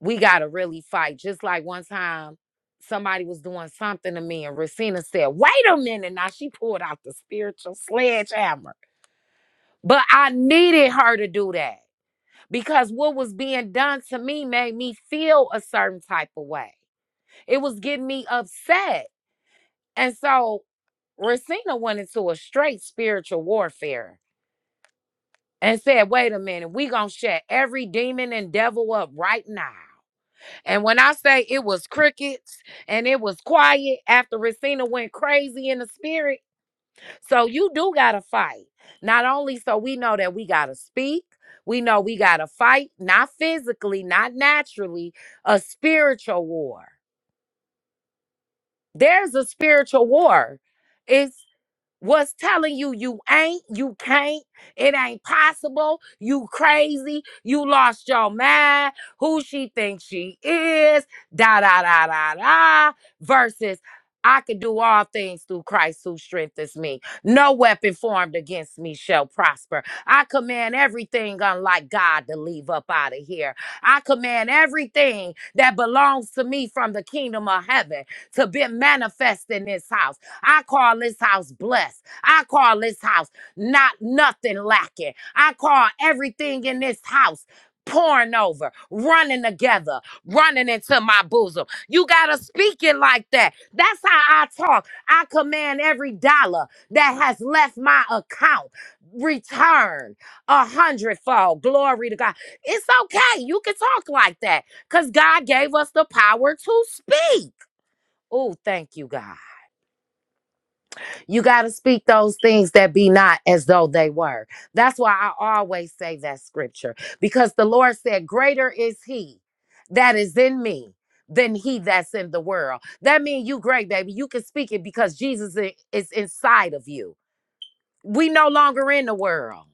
Speaker 1: we gotta really fight. Just like one time somebody was doing something to me and Racina said, wait a minute. Now she pulled out the spiritual sledgehammer But I needed her to do that because what was being done to me made me feel a certain type of way. It was getting me upset. And so Racina went into a straight spiritual warfare and said, wait a minute, we gonna shut every demon and devil up right now. And when I say it was crickets and it was quiet after Racina went crazy in the spirit, So you do got to fight. Not only so we know that we got to speak, we know we got to fight, not physically, not naturally, a spiritual war. There's a spiritual war. It's. What's telling you you ain't, you can't, it ain't possible, you crazy, you lost your mind, who she thinks she is, da da da da da, versus I can do all things through Christ who strengthens me. No weapon formed against me shall prosper. I command everything unlike God to leave up out of here. I command everything that belongs to me from the kingdom of heaven to be manifest in this house. I call this house blessed. I call this house not nothing lacking. I call everything in this house pouring over, running together, running into my bosom. You got to speak it like that. That's how I talk. I command every dollar that has left my account return a hundredfold. Glory to God. It's okay. You can talk like that because God gave us the power to speak. Oh, thank you, God. You got to speak those things that be not as though they were. That's why I always say that scripture because the Lord said, Greater is He that is in me than He that's in the world. That means you, great baby, you can speak it because Jesus i- is inside of you. We no longer in the world.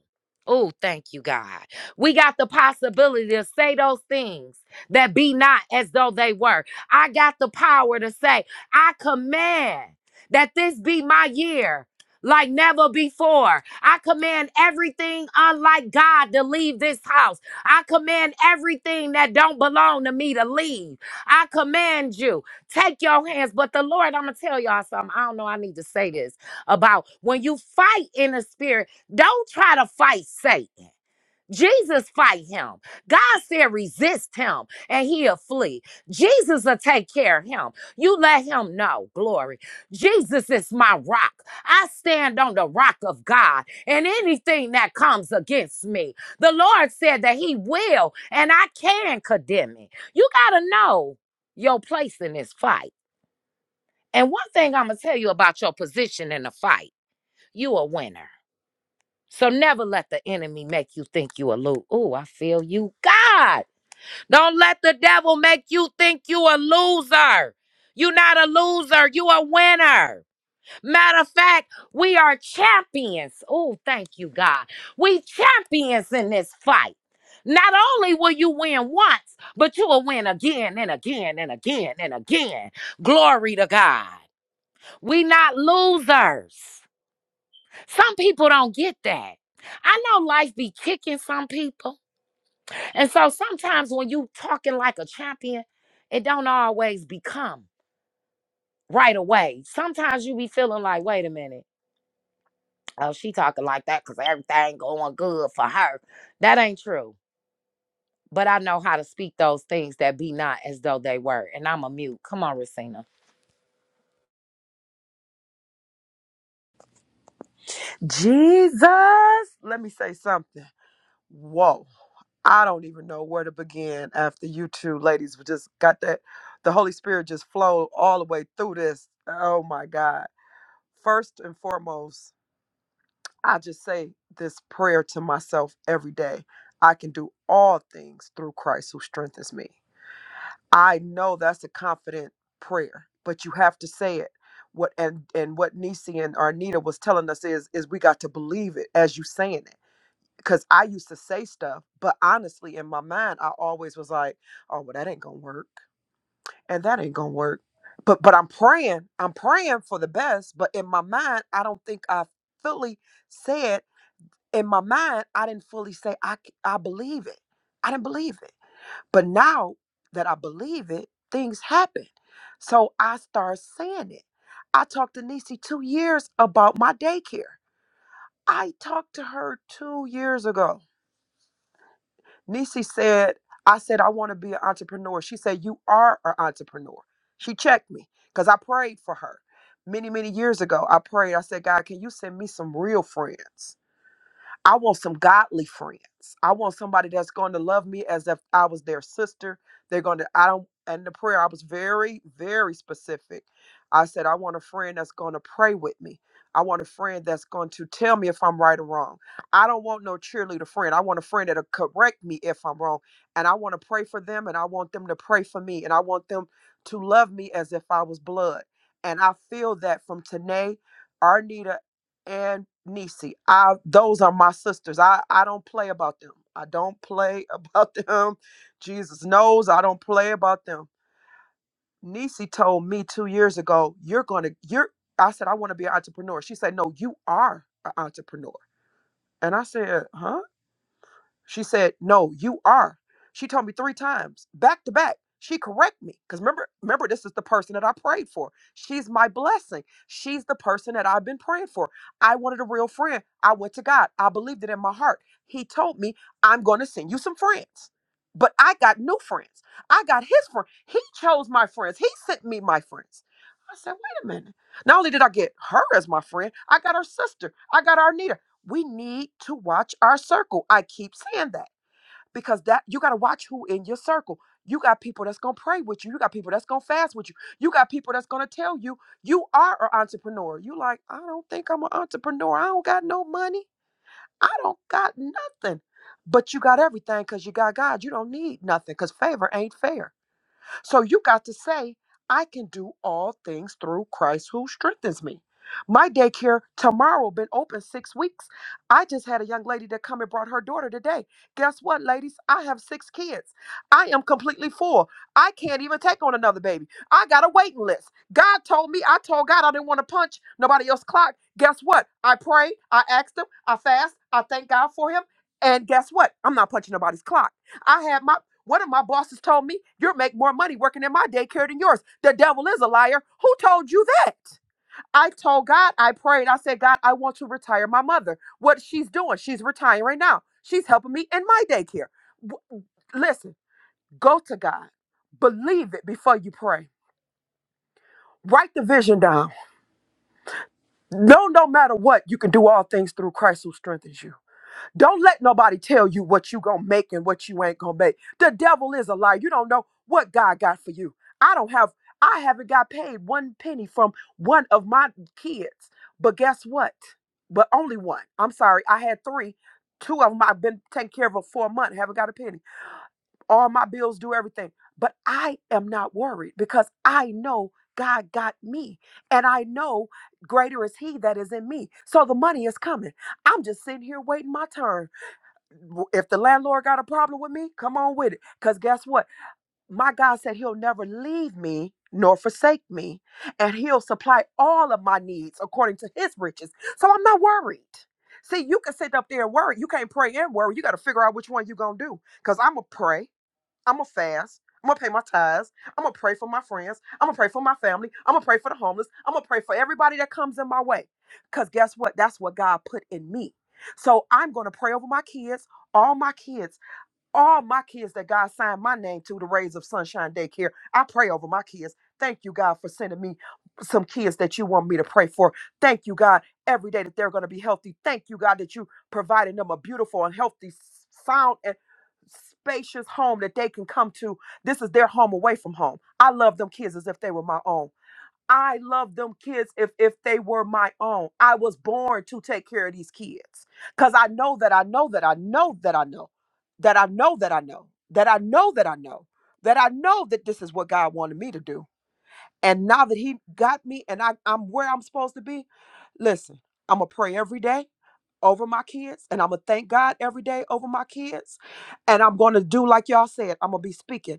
Speaker 1: Oh, thank you, God. We got the possibility to say those things that be not as though they were. I got the power to say, I command that this be my year like never before. I command everything unlike God to leave this house. I command everything that don't belong to me to leave. I command you, take your hands. But the Lord, I'm going to tell y'all something. I don't know, I need to say this about. When you fight in the spirit, don't try to fight Satan. Jesus fight him. God said resist him and he'll flee. Jesus will take care of him. You let him know, glory. Jesus is my rock. I stand on the rock of God and anything that comes against me. The Lord said that he will and I can condemn it. You got to know your place in this fight. And one thing I'm going to tell you about your position in the fight. You a winner. So never let the enemy make you think you a loser. Oh, I feel you. God, don't let the devil make you think you a loser. You not a loser. You a winner. Matter of fact, we are champions. Oh, thank you, God. We champions in this fight. Not only will you win once, but you will win again and again and again and again. Glory to God. We not losers. Some people don't get that. I know life be kicking some people. And so sometimes when you talking like a champion, it don't always become right away. Sometimes you be feeling like, wait a minute. Oh, she talking like that because everything going good for her. That ain't true. But I know how to speak those things that be not as though they were. And I'm a mute. Come on, Racina.
Speaker 3: Jesus, let me say something. Whoa. I don't even know where to begin after you two ladies were just got that. The Holy Spirit just flowed all the way through this. Oh my God. First and foremost, I just say this prayer to myself every day I can do all things through Christ who strengthens me. I know that's a confident prayer, but you have to say it. What and and what Nisi and Arnita was telling us is is we got to believe it as you saying it because I used to say stuff, but honestly, in my mind, I always was like, "Oh, well, that ain't gonna work, and that ain't gonna work." But but I'm praying, I'm praying for the best. But in my mind, I don't think I fully said. In my mind, I didn't fully say I c- I believe it. I didn't believe it. But now that I believe it, things happen. So I start saying it. I talked to Nisi two years about my daycare. I talked to her two years ago Nisi said, I said, I want to be an entrepreneur. She said, You are an entrepreneur. She checked me because I prayed for her many, many years ago. I prayed. I said, God, can you send me some real friends? I want some godly friends. I want somebody that's going to love me as if I was their sister. They're going to, I don't, and the prayer, I was very, very specific. I said, I want a friend that's going to pray with me. I want a friend that's going to tell me if I'm right or wrong. I don't want no cheerleader friend. I want a friend that'll correct me if I'm wrong. And I want to pray for them and I want them to pray for me. And I want them to love me as if I was blood. And I feel that from Tanae, Arnita, and Nisi. I those are my sisters. I I don't play about them. I don't play about them. Jesus knows I don't play about them. Nisi told me 2 years ago, you're going to you're I said I want to be an entrepreneur. She said, "No, you are an entrepreneur." And I said, "Huh?" She said, "No, you are." She told me three times, back to back. She correct me because remember, remember, this is the person that I prayed for. She's my blessing. She's the person that I've been praying for. I wanted a real friend. I went to God. I believed it in my heart. He told me, "I'm going to send you some friends." But I got new friends. I got his friend. He chose my friends. He sent me my friends. I said, "Wait a minute." Not only did I get her as my friend, I got her sister. I got Arnita we need to watch our circle. I keep saying that because that you got to watch who in your circle. You got people that's going to pray with you. You got people that's going to fast with you. You got people that's going to tell you you are an entrepreneur. You like, I don't think I'm an entrepreneur. I don't got no money. I don't got nothing. But you got everything cuz you got God. You don't need nothing cuz favor ain't fair. So you got to say, I can do all things through Christ who strengthens me. My daycare tomorrow been open six weeks. I just had a young lady that come and brought her daughter today. Guess what, ladies? I have six kids. I am completely full. I can't even take on another baby. I got a waiting list. God told me, I told God I didn't want to punch nobody else's clock. Guess what? I prayed, I asked him, I fast, I thank God for him. And guess what? I'm not punching nobody's clock. I had my one of my bosses told me, You'll make more money working in my daycare than yours. The devil is a liar. Who told you that? I told God, I prayed, I said, God, I want to retire my mother. What she's doing, she's retiring right now. She's helping me in my daycare. W- Listen, go to God. Believe it before you pray. Write the vision down. No, no matter what, you can do all things through Christ who strengthens you. Don't let nobody tell you what you gonna make and what you ain't gonna make. The devil is a liar. You don't know what God got for you. I don't have I haven't got paid one penny from one of my kids. But guess what? But only one. I'm sorry, I had three. Two of them I've been taking care of for a month, haven't got a penny. All my bills do everything. But I am not worried because I know God got me. And I know greater is he that is in me. So the money is coming. I'm just sitting here waiting my turn if the landlord got a problem with me, come on with it. Because guess what? My God said he'll never leave me nor forsake me, and he'll supply all of my needs according to his riches. So I'm not worried. See, you can sit up there and worry. You can't pray and worry. You got to figure out which one you're going to do. Because I'm going to pray. I'm gonna fast. I'm gonna pay my tithes. I'm gonna pray for my friends. I'm gonna pray for my family. I'm gonna pray for the homeless. I'm gonna pray for everybody that comes in my way. Cause guess what? That's what God put in me. So I'm gonna pray over my kids, all my kids all my kids that God signed my name to the Rays of Sunshine Daycare. I pray over my kids. Thank you, God, for sending me some kids that you want me to pray for. Thank you, God, every day that they're going to be healthy. Thank you, God, that you provided them a beautiful and healthy, sound and spacious home that they can come to. This is their home away from home. I love them kids as if they were my own. I love them kids if if they were my own. I was born to take care of these kids. Cause I know that I know that I know that I know that I know that I know that I know that I know that I know that this is what God wanted me to do. And now that He got me and I, I'm where I'm supposed to be, listen, I'm gonna pray every day over my kids and I'm gonna thank God every day over my kids. And I'm gonna do like y'all said, I'm gonna be speaking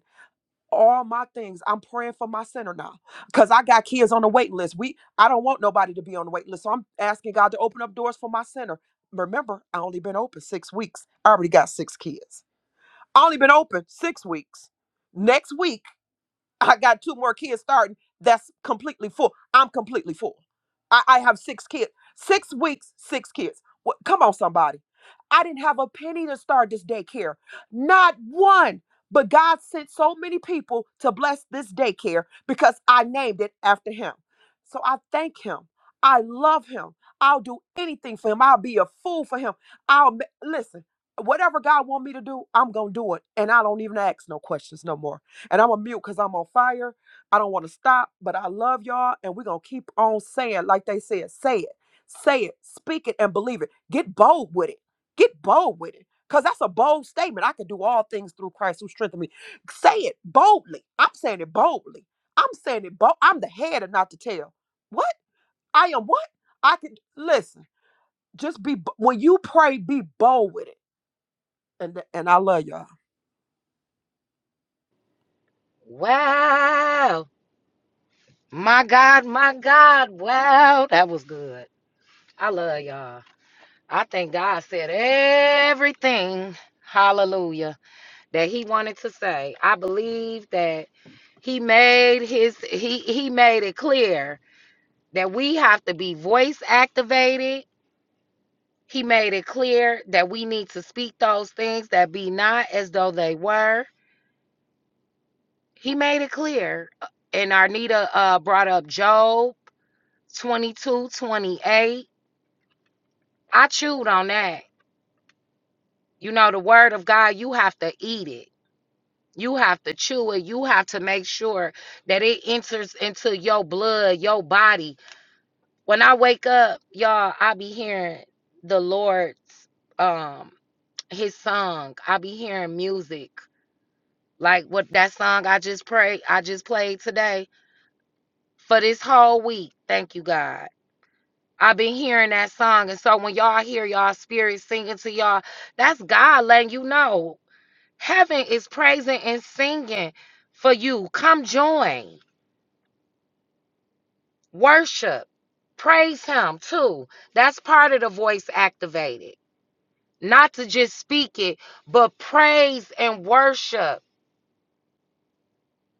Speaker 3: all my things. I'm praying for my center now because I got kids on the wait list. We I don't want nobody to be on the wait list. So I'm asking God to open up doors for my center. Remember, I only been open six weeks. I already got six kids. I only been open six weeks. Next week I got two more kids starting. That's completely full. I'm completely full. I, I have six kids. Six weeks, six kids. What, come on, somebody. I didn't have a penny to start this daycare. Not one. But God sent so many people to bless this daycare because I named it after him. So I thank him. I love him. I'll do anything for him. I'll be a fool for him. I'll ma- listen. Whatever God want me to do, I'm going to do it and I don't even ask no questions no more. And I'm a mute because I'm on fire. I don't want to stop, but I love y'all. And we're going to keep on saying, like they said, say it, say it, speak it, and believe it. Get bold with it. Get bold with it. Because that's a bold statement. I can do all things through Christ who strengthened me. Say it boldly. I'm saying it boldly. I'm saying it bold. I'm the head and not the tail. What? I am what? I can listen. Just be when you pray, be bold with it and and I love y'all.
Speaker 1: Wow. My God, my God. Wow. That was good. I love y'all. I think God said everything, hallelujah, that he wanted to say. I believe that he made his he he made it clear that we have to be voice activated. He made it clear that we need to speak those things that be not as though they were. He made it clear. And Arnita uh brought up Job twenty two twenty eight. I chewed on that. You know, the word of God, you have to eat it You have to chew it. You have to make sure that it enters into your blood, your body. When I wake up, y'all, I be hearing the Lord's um his song. I be hearing music. Like what that song I just prayed, I just played today for this whole week. Thank you, God. I've been hearing that song. And so when y'all hear y'all spirit singing to y'all, that's God letting you know. Heaven is praising and singing for you. Come join. Worship. Praise him too. That's part of the voice activated. Not to just speak it, but praise and worship.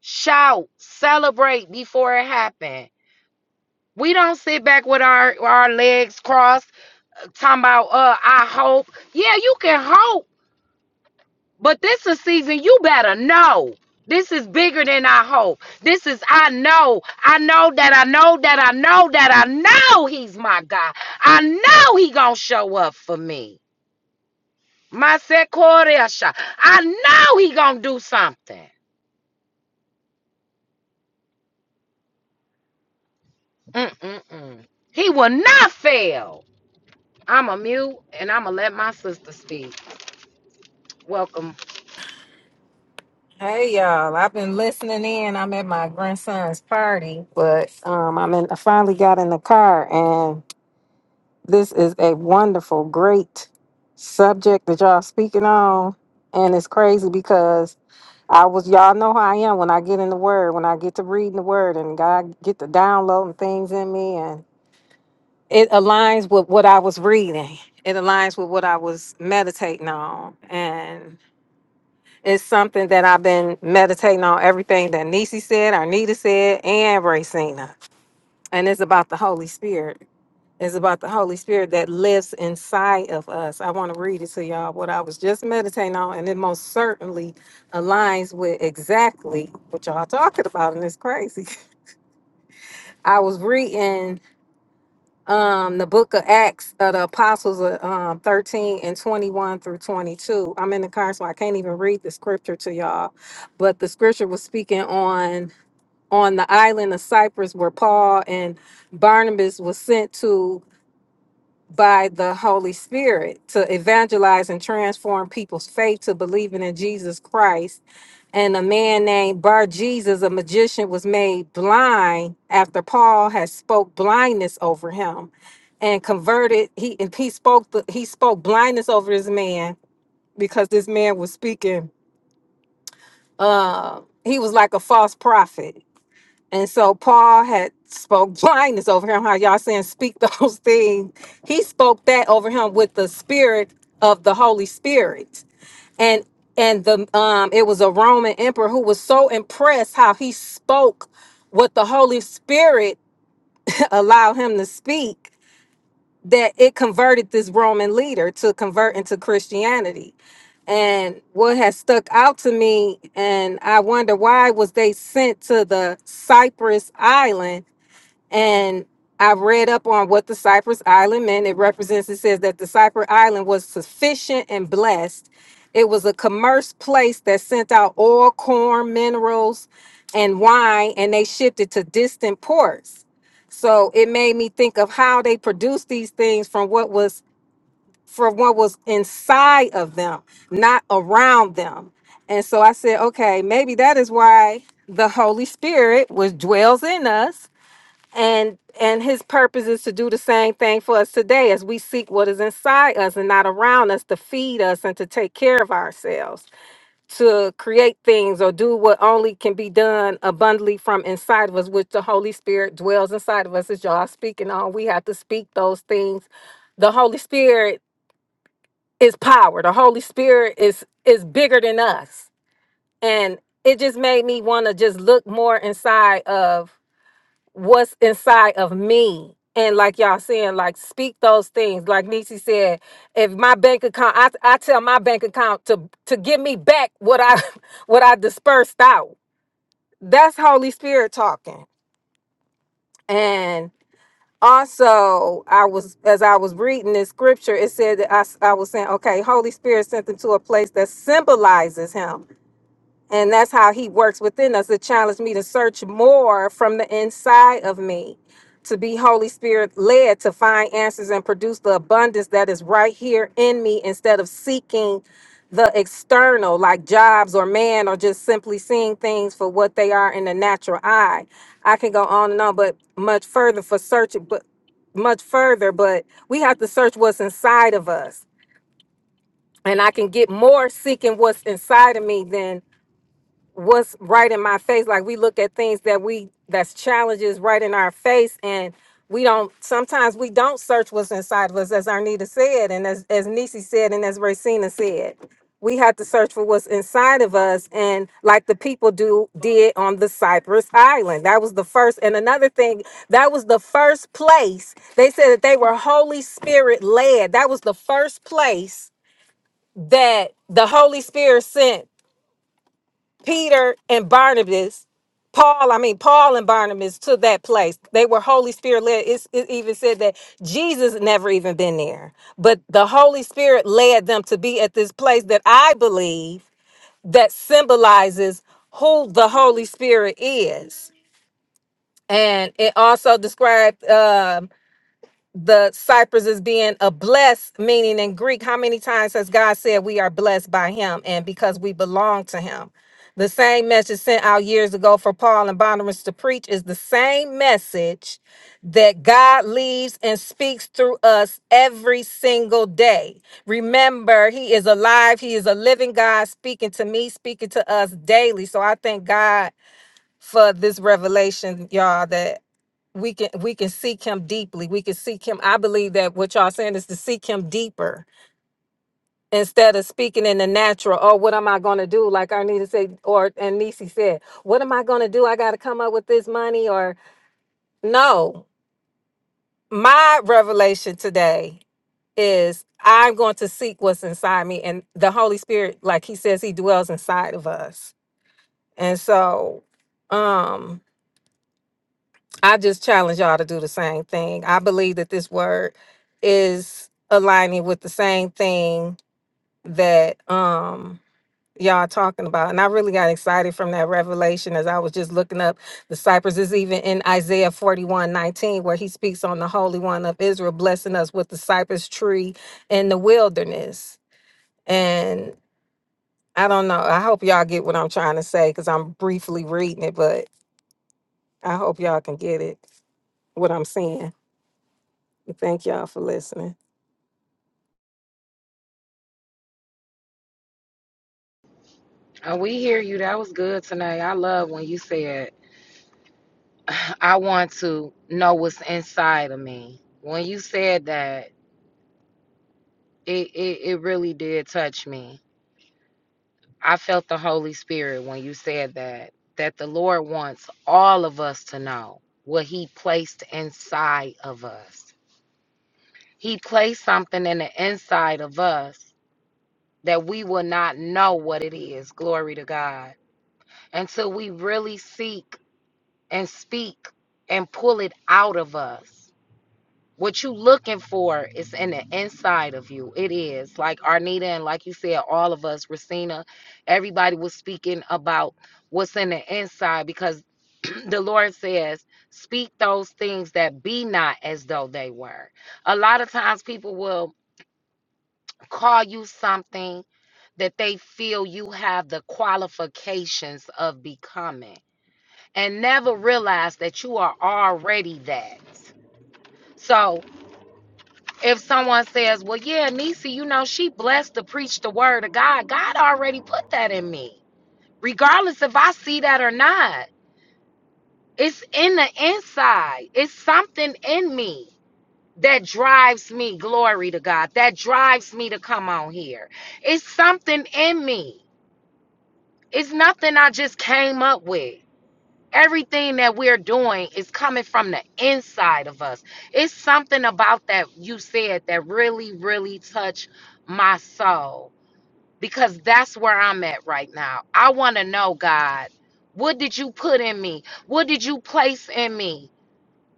Speaker 1: Shout, celebrate before it happened. We don't sit back with our, our legs crossed, talking about uh I hope. Yeah, you can hope But this is season you better know. This is bigger than I hope. This is I know. I know that I know that I know that I know he's my God. I know he gonna show up for me. My Sekoresha. I know he gonna do something. Mm-mm-mm. He will not fail. I'm a mute and I'm gonna let my sister speak. Welcome.
Speaker 4: Hey y'all, I've been listening in. I'm at my grandson's party, but um, I'm in, I finally got in the car, and this is a wonderful, great subject that y'all speaking on. And it's crazy because I was, y'all know how I am when I get in the Word, when I get to reading the Word, and God get to downloading things in me, and it aligns with what I was reading. It aligns with what I was meditating on, and. It's something that I've been meditating on everything that Nisi said, Arnita said, and Racina. And it's about the Holy Spirit. It's about the Holy Spirit that lives inside of us. I want to read it to y'all what I was just meditating on, and it most certainly aligns with exactly what y'all talking about, and it's crazy. I was reading um the book of acts of the apostles uh, um 13 and 21 through 22 i'm in the car so i can't even read the scripture to y'all but the scripture was speaking on on the island of cyprus where paul and barnabas was sent to by the Holy Spirit to evangelize and transform people's faith to believing in Jesus Christ. And a man named Bar Jesus, a magician, was made blind after Paul had spoke blindness over him and converted. He and he spoke the, he spoke blindness over this man because this man was speaking. Uh, he was like a false prophet and so Paul had spoke blindness over him. How y'all saying speak those things? He spoke that over him with the spirit of the Holy Spirit. And and the um it was a Roman emperor who was so impressed how he spoke what the Holy Spirit allowed him to speak that it converted this Roman leader to convert into Christianity. And what has stuck out to me, and I wonder why was they sent to the Cyprus island and I've read up on what the Cypress Island meant. It represents, it says that the Cypress Island was sufficient and blessed. It was a commerce place that sent out oil, corn, minerals, and wine, and they shipped it to distant ports. So it made me think of how they produced these things from what was from what was inside of them, not around them. And so I said, okay, maybe that is why the Holy Spirit was dwells in us and and his purpose is to do the same thing for us today as we seek what is inside us and not around us to feed us and to take care of ourselves to create things or do what only can be done abundantly from inside of us which the holy spirit dwells inside of us as y'all speaking on we have to speak those things the holy spirit is power the holy spirit is is bigger than us and it just made me want to just look more inside of what's inside of me. And like y'all saying, like speak those things. Like Nisi said, if my bank account, I, I tell my bank account to to give me back what I what I dispersed out. That's Holy Spirit talking. And also, I was as I was reading this scripture, it said that I s- I was saying, okay, Holy Spirit sent them to a place that symbolizes Him. And that's how he works within us to challenge me to search more from the inside of me, to be Holy Spirit led to find answers and produce the abundance that is right here in me instead of seeking the external, like jobs or man, or just simply seeing things for what they are in the natural eye. I can go on and on, but much further for searching, but much further, but we have to search what's inside of us. And I can get more seeking what's inside of me than what's right in my face like we look at things that we that's challenges right in our face and we don't sometimes we don't search what's inside of us as arnita said and as as nisi said and as racina said we have to search for what's inside of us and like the people do did on the cypress island that was the first and another thing that was the first place they said that they were holy spirit led that was the first place that the holy spirit sent Peter and Barnabas, Paul, I mean, Paul and Barnabas to that place. They were Holy Spirit led. It's, it even said that Jesus never even been there, but the Holy Spirit led them to be at this place that I believe that symbolizes who the Holy Spirit is. And it also described um, the Cyprus is being a blessed, meaning in Greek, how many times has God said we are blessed by him and because we belong to him? The same message sent out years ago for Paul and Barnabas to preach is the same message that God leaves and speaks through us every single day. Remember, He is alive, He is a living God speaking to me, speaking to us daily. So I thank God for this revelation, y'all, That we can we can seek him deeply we can seek him i believe that what y'all saying is to seek him deeper instead of speaking in the natural oh what am i going to do like arnita said or and nisi said what am i going to do i got to come up with this money or no my revelation today is i'm going to seek what's inside me and the holy spirit like he says he dwells inside of us and so um I just challenge y'all to do the same thing. I believe that this word is aligning with the same thing that um y'all talking about. And I really got excited from that revelation as I was just looking up the Cypress is even in Isaiah 41 19 where he speaks on the Holy One of Israel, blessing us with the cypress tree in the wilderness. And I don't know. I hope y'all get what I'm trying to say because I'm briefly reading it, but I hope y'all can get it, what I'm saying. Thank y'all for listening.
Speaker 1: Uh, we hear you. That was good tonight. I love when you said I want to know what's inside of me. When you said that, it, it, it really did touch me. I felt the Holy Spirit when you said that, that the Lord wants all of us to know what He placed inside of us. He placed something in the inside of us that we will not know what it is. Glory to God. Until we really seek and speak and pull it out of us. what you looking for is in the inside of you it is like arnita and like you said all of us Racina, everybody was speaking about what's in the inside because the lord says speak those things that be not as though they were a lot of times people will call you something that they feel you have the qualifications of becoming and never realize that you are already that so if someone says, Well, yeah, Nisi, you know, she blessed to preach the word of God, God already put that in me, regardless if I see that or not. It's in the inside, it's something in me that drives me, glory to God, that drives me to come on here. It's something in me, it's nothing I just came up with. Everything that we're doing is coming from the inside of us. It's something about that you said that really, really touched my soul because that's where I'm at right now. I want to know, God, what did you put in me? What did you place in me?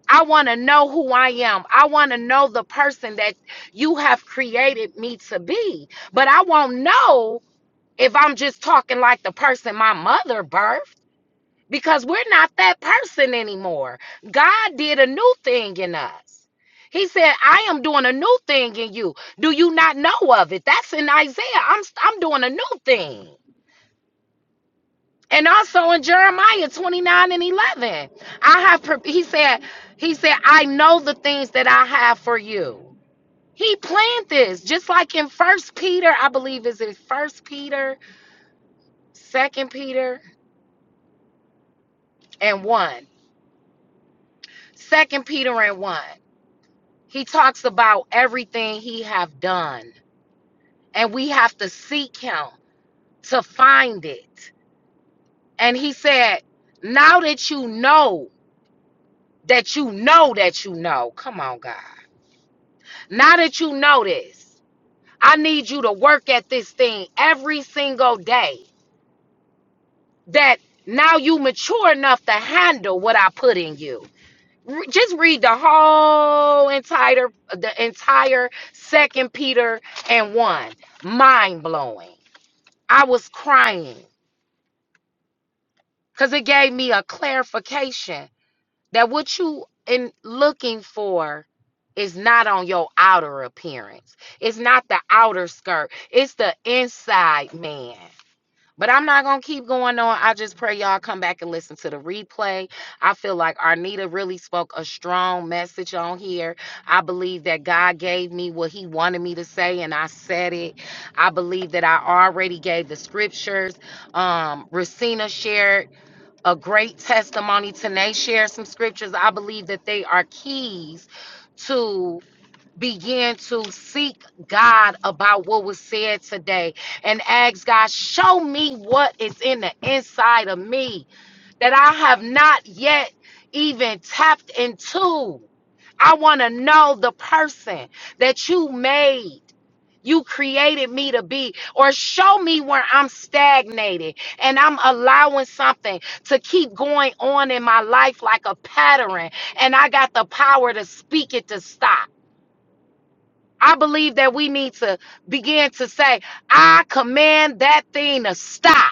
Speaker 1: I want to know who I am. I want to know the person that you have created me to be. But I won't know if I'm just talking like the person my mother birthed because we're not that person anymore. God did a new thing in us. He said, "I am doing a new thing in you. Do you not know of it?" That's in Isaiah. I'm I'm doing a new thing. And also in Jeremiah 29 and 11. I have pre- he said he said, "I know the things that I have for you." He planned this just like in First Peter, I believe is in First Peter, Second Peter, and 1. Second Peter and 1. He talks about everything he have done, and we have to seek him to find it. And he said, "Now that you know that you know that you know, come on, God. Now that you know this, I need you to work at this thing every single day. That now you mature enough to handle what I put in you." Re- Just read the whole entire the entire second Peter and one. Mind blowing I was crying because it gave me a clarification that what you in looking for is not on your outer appearance. It's not the outer skirt. It's the inside man. But I'm not gonna keep going on. I just pray y'all come back and listen to the replay. I feel like Arnita really spoke a strong message on here. I believe that God gave me what He wanted me to say, and I said it. I believe that I already gave the scriptures. Um, Racina shared a great testimony. Tonight, share some scriptures. I believe that they are keys to begin to seek God about what was said today and ask God, show me what is in the inside of me that I have not yet even tapped into. I want to know the person that you made. You created me to be, or show me where I'm stagnated and I'm allowing something to keep going on in my life like a pattern, and I got the power to speak it to stop. I believe that we need to begin to say, I command that thing to stop.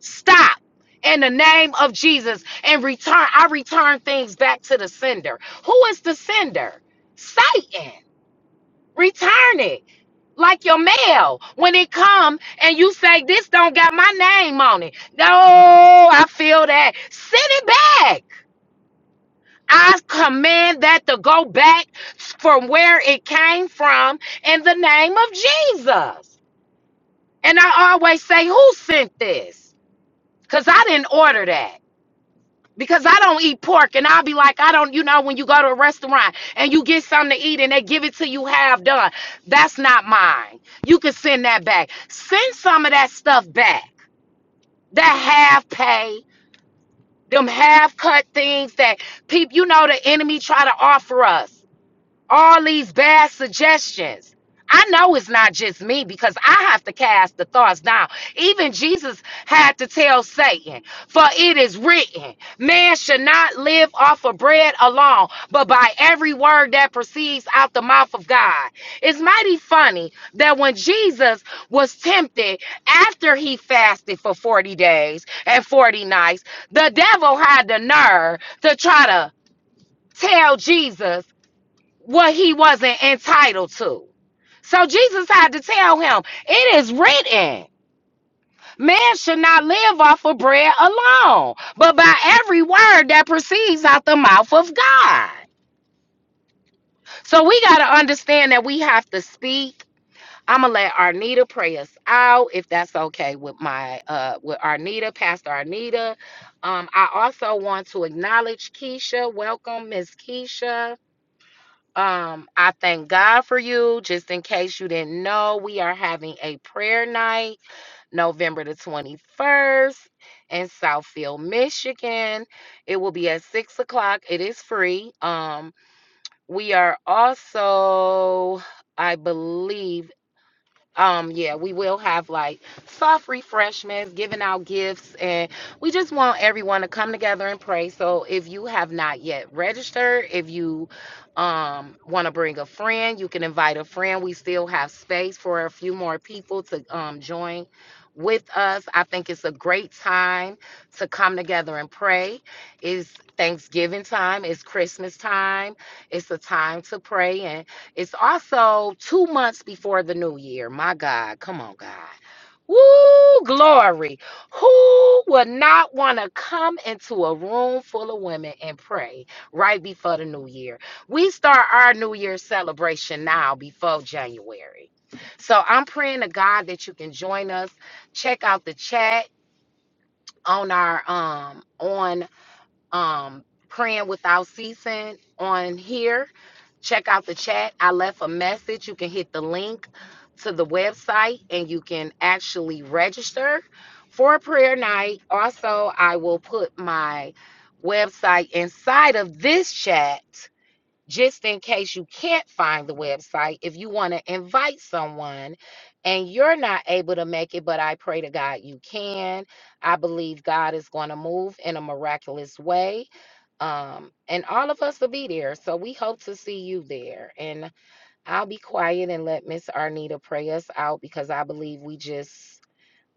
Speaker 1: Stop in the name of Jesus and return. I return things back to the sender. Who is the sender? Satan. Return it like your mail when it come and you say this don't got my name on it. No, I feel that. Send it back. I command that to go back from where it came from in the name of Jesus. And I always say, who sent this? Because I didn't order that. because I don't eat pork and I'll be like, I don't, you know, when you go to a restaurant and you get something to eat and they give it to you half done. That's not mine. You can send that back. Send some of that stuff back. That half pay, them half cut things that people, you know, the enemy try to offer us all these bad suggestions. I know it's not just me because I have to cast the thoughts down. Even Jesus had to tell Satan, For it is written, man should not live off of bread alone, but by every word that proceeds out the mouth of God. It's mighty funny that when Jesus was tempted after he fasted for 40 days and 40 nights, the devil had the nerve to try to tell Jesus what he wasn't entitled to. So Jesus had to tell him, It is written, man should not live off of bread alone, but by every word that proceeds out the mouth of God. So we got to understand that we have to speak. I'm gonna let Arnita pray us out if that's okay with my uh with Arnita, Pastor Arnita. Um, I also want to acknowledge Keisha. Welcome, Miss Keisha. Um, I thank God for you. Just in case you didn't know, we are having a prayer night November the 21st in Southfield, Michigan. It will be at six o'clock. It is free. Um, we are also, I believe, um yeah we will have like soft refreshments giving out gifts and we just want everyone to come together and pray so if you have not yet registered if you um want to bring a friend you can invite a friend we still have space for a few more people to um join with us i think it's a great time to come together and pray it's thanksgiving time it's christmas time it's a time to pray it's also two months before the new year. My God, come on, God. Woo, glory. Who would not want to come into a room full of women and pray right before the new year? We start our new year celebration now before January. So I'm praying to God that you can join us. Check out the chat on our um on um, praying without ceasing on here. Check out the chat. I left a message. You can hit the link to the website and you can actually register for a prayer night. Also, I will put my website inside of this chat just in case you can't find the website, if you want to invite someone and you're not able to make it, but I pray to God you can. I believe God is going to move in a miraculous way. Um, and all of us will be there. So we hope to see you there. And I'll be quiet and let Miss Arnita pray us out because I believe we just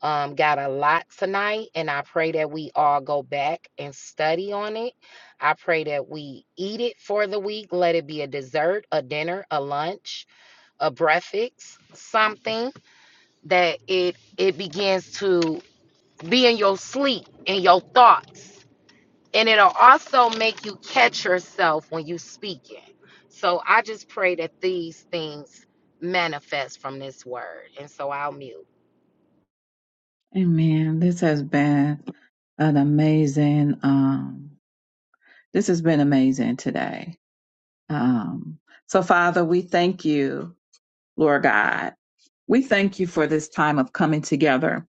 Speaker 1: um, got a lot tonight, and I pray that we all go back and study on it. I pray that we eat it for the week. Let it be a dessert, a dinner, a lunch, a breakfast, something that it it begins to be in your sleep, in your thoughts, and it'll also make you catch yourself when you speak it. So I just pray that these things manifest from this word, and so I'll mute.
Speaker 2: Amen. This has been an amazing um this has been amazing today. Um so Father, we thank you, Lord God. We thank you for this time of coming together.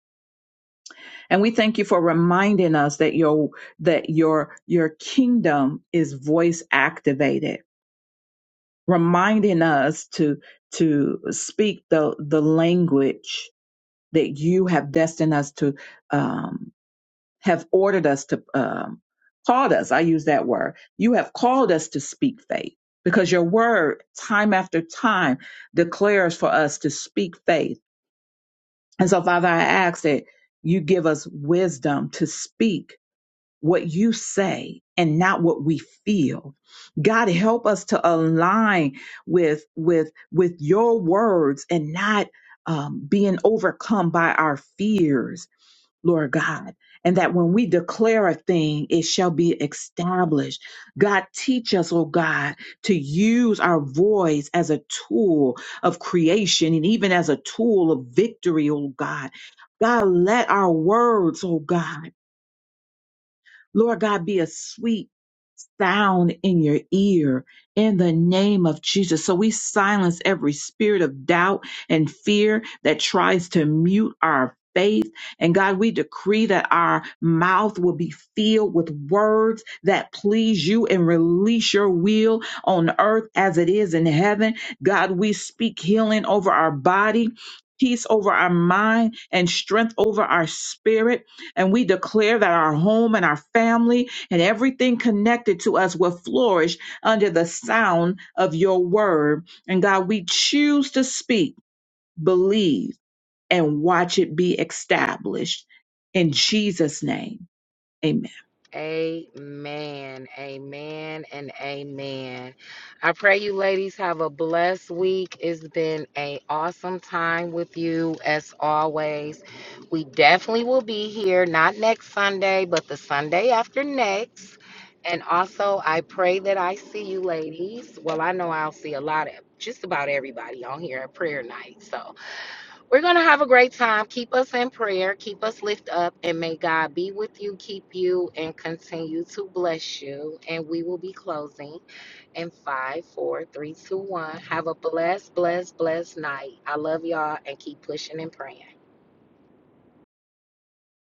Speaker 2: And we thank you for reminding us that your that your your kingdom is voice activated, reminding us to to speak the the language that you have destined us to um, have ordered us to um, called us. I use that word. You have called us to speak faith because your word, time after time, declares for us to speak faith And so, Father, I ask that you give us wisdom to speak what you say and not what we feel. God, help us to align with with with your words and not um, being overcome by our fears Lord God, and that when we declare a thing, it shall be established. God, teach us, oh God, to use our voice as a tool of creation and even as a tool of victory, oh God. God, let our words, oh God, Lord God, be a sweet sound in your ear in the name of Jesus. So we silence every spirit of doubt and fear that tries to mute our faith. And God, we decree that our mouth will be filled with words that please you and release your will on earth as it is in heaven. God, we speak healing over our body. Peace over our mind and strength over our spirit. And we declare that our home and our family and everything connected to us will flourish under the sound of your word. And God, we choose to speak, believe, and watch it be established. In Jesus' name, amen.
Speaker 1: Amen. Amen and amen. I pray you ladies have a blessed week. It's been a awesome time with you as always. We definitely will be here not next Sunday, but the Sunday after next. And also, I pray that I see you ladies. Well, I know I'll see a lot of just about everybody on here at prayer night. So, we're going to have a great time. Keep us in prayer. Keep us lift up. And may God be with you, keep you, and continue to bless you. And we will be closing in five, four, three, two, one. Have a blessed, blessed, blessed night. I love y'all and keep pushing and praying.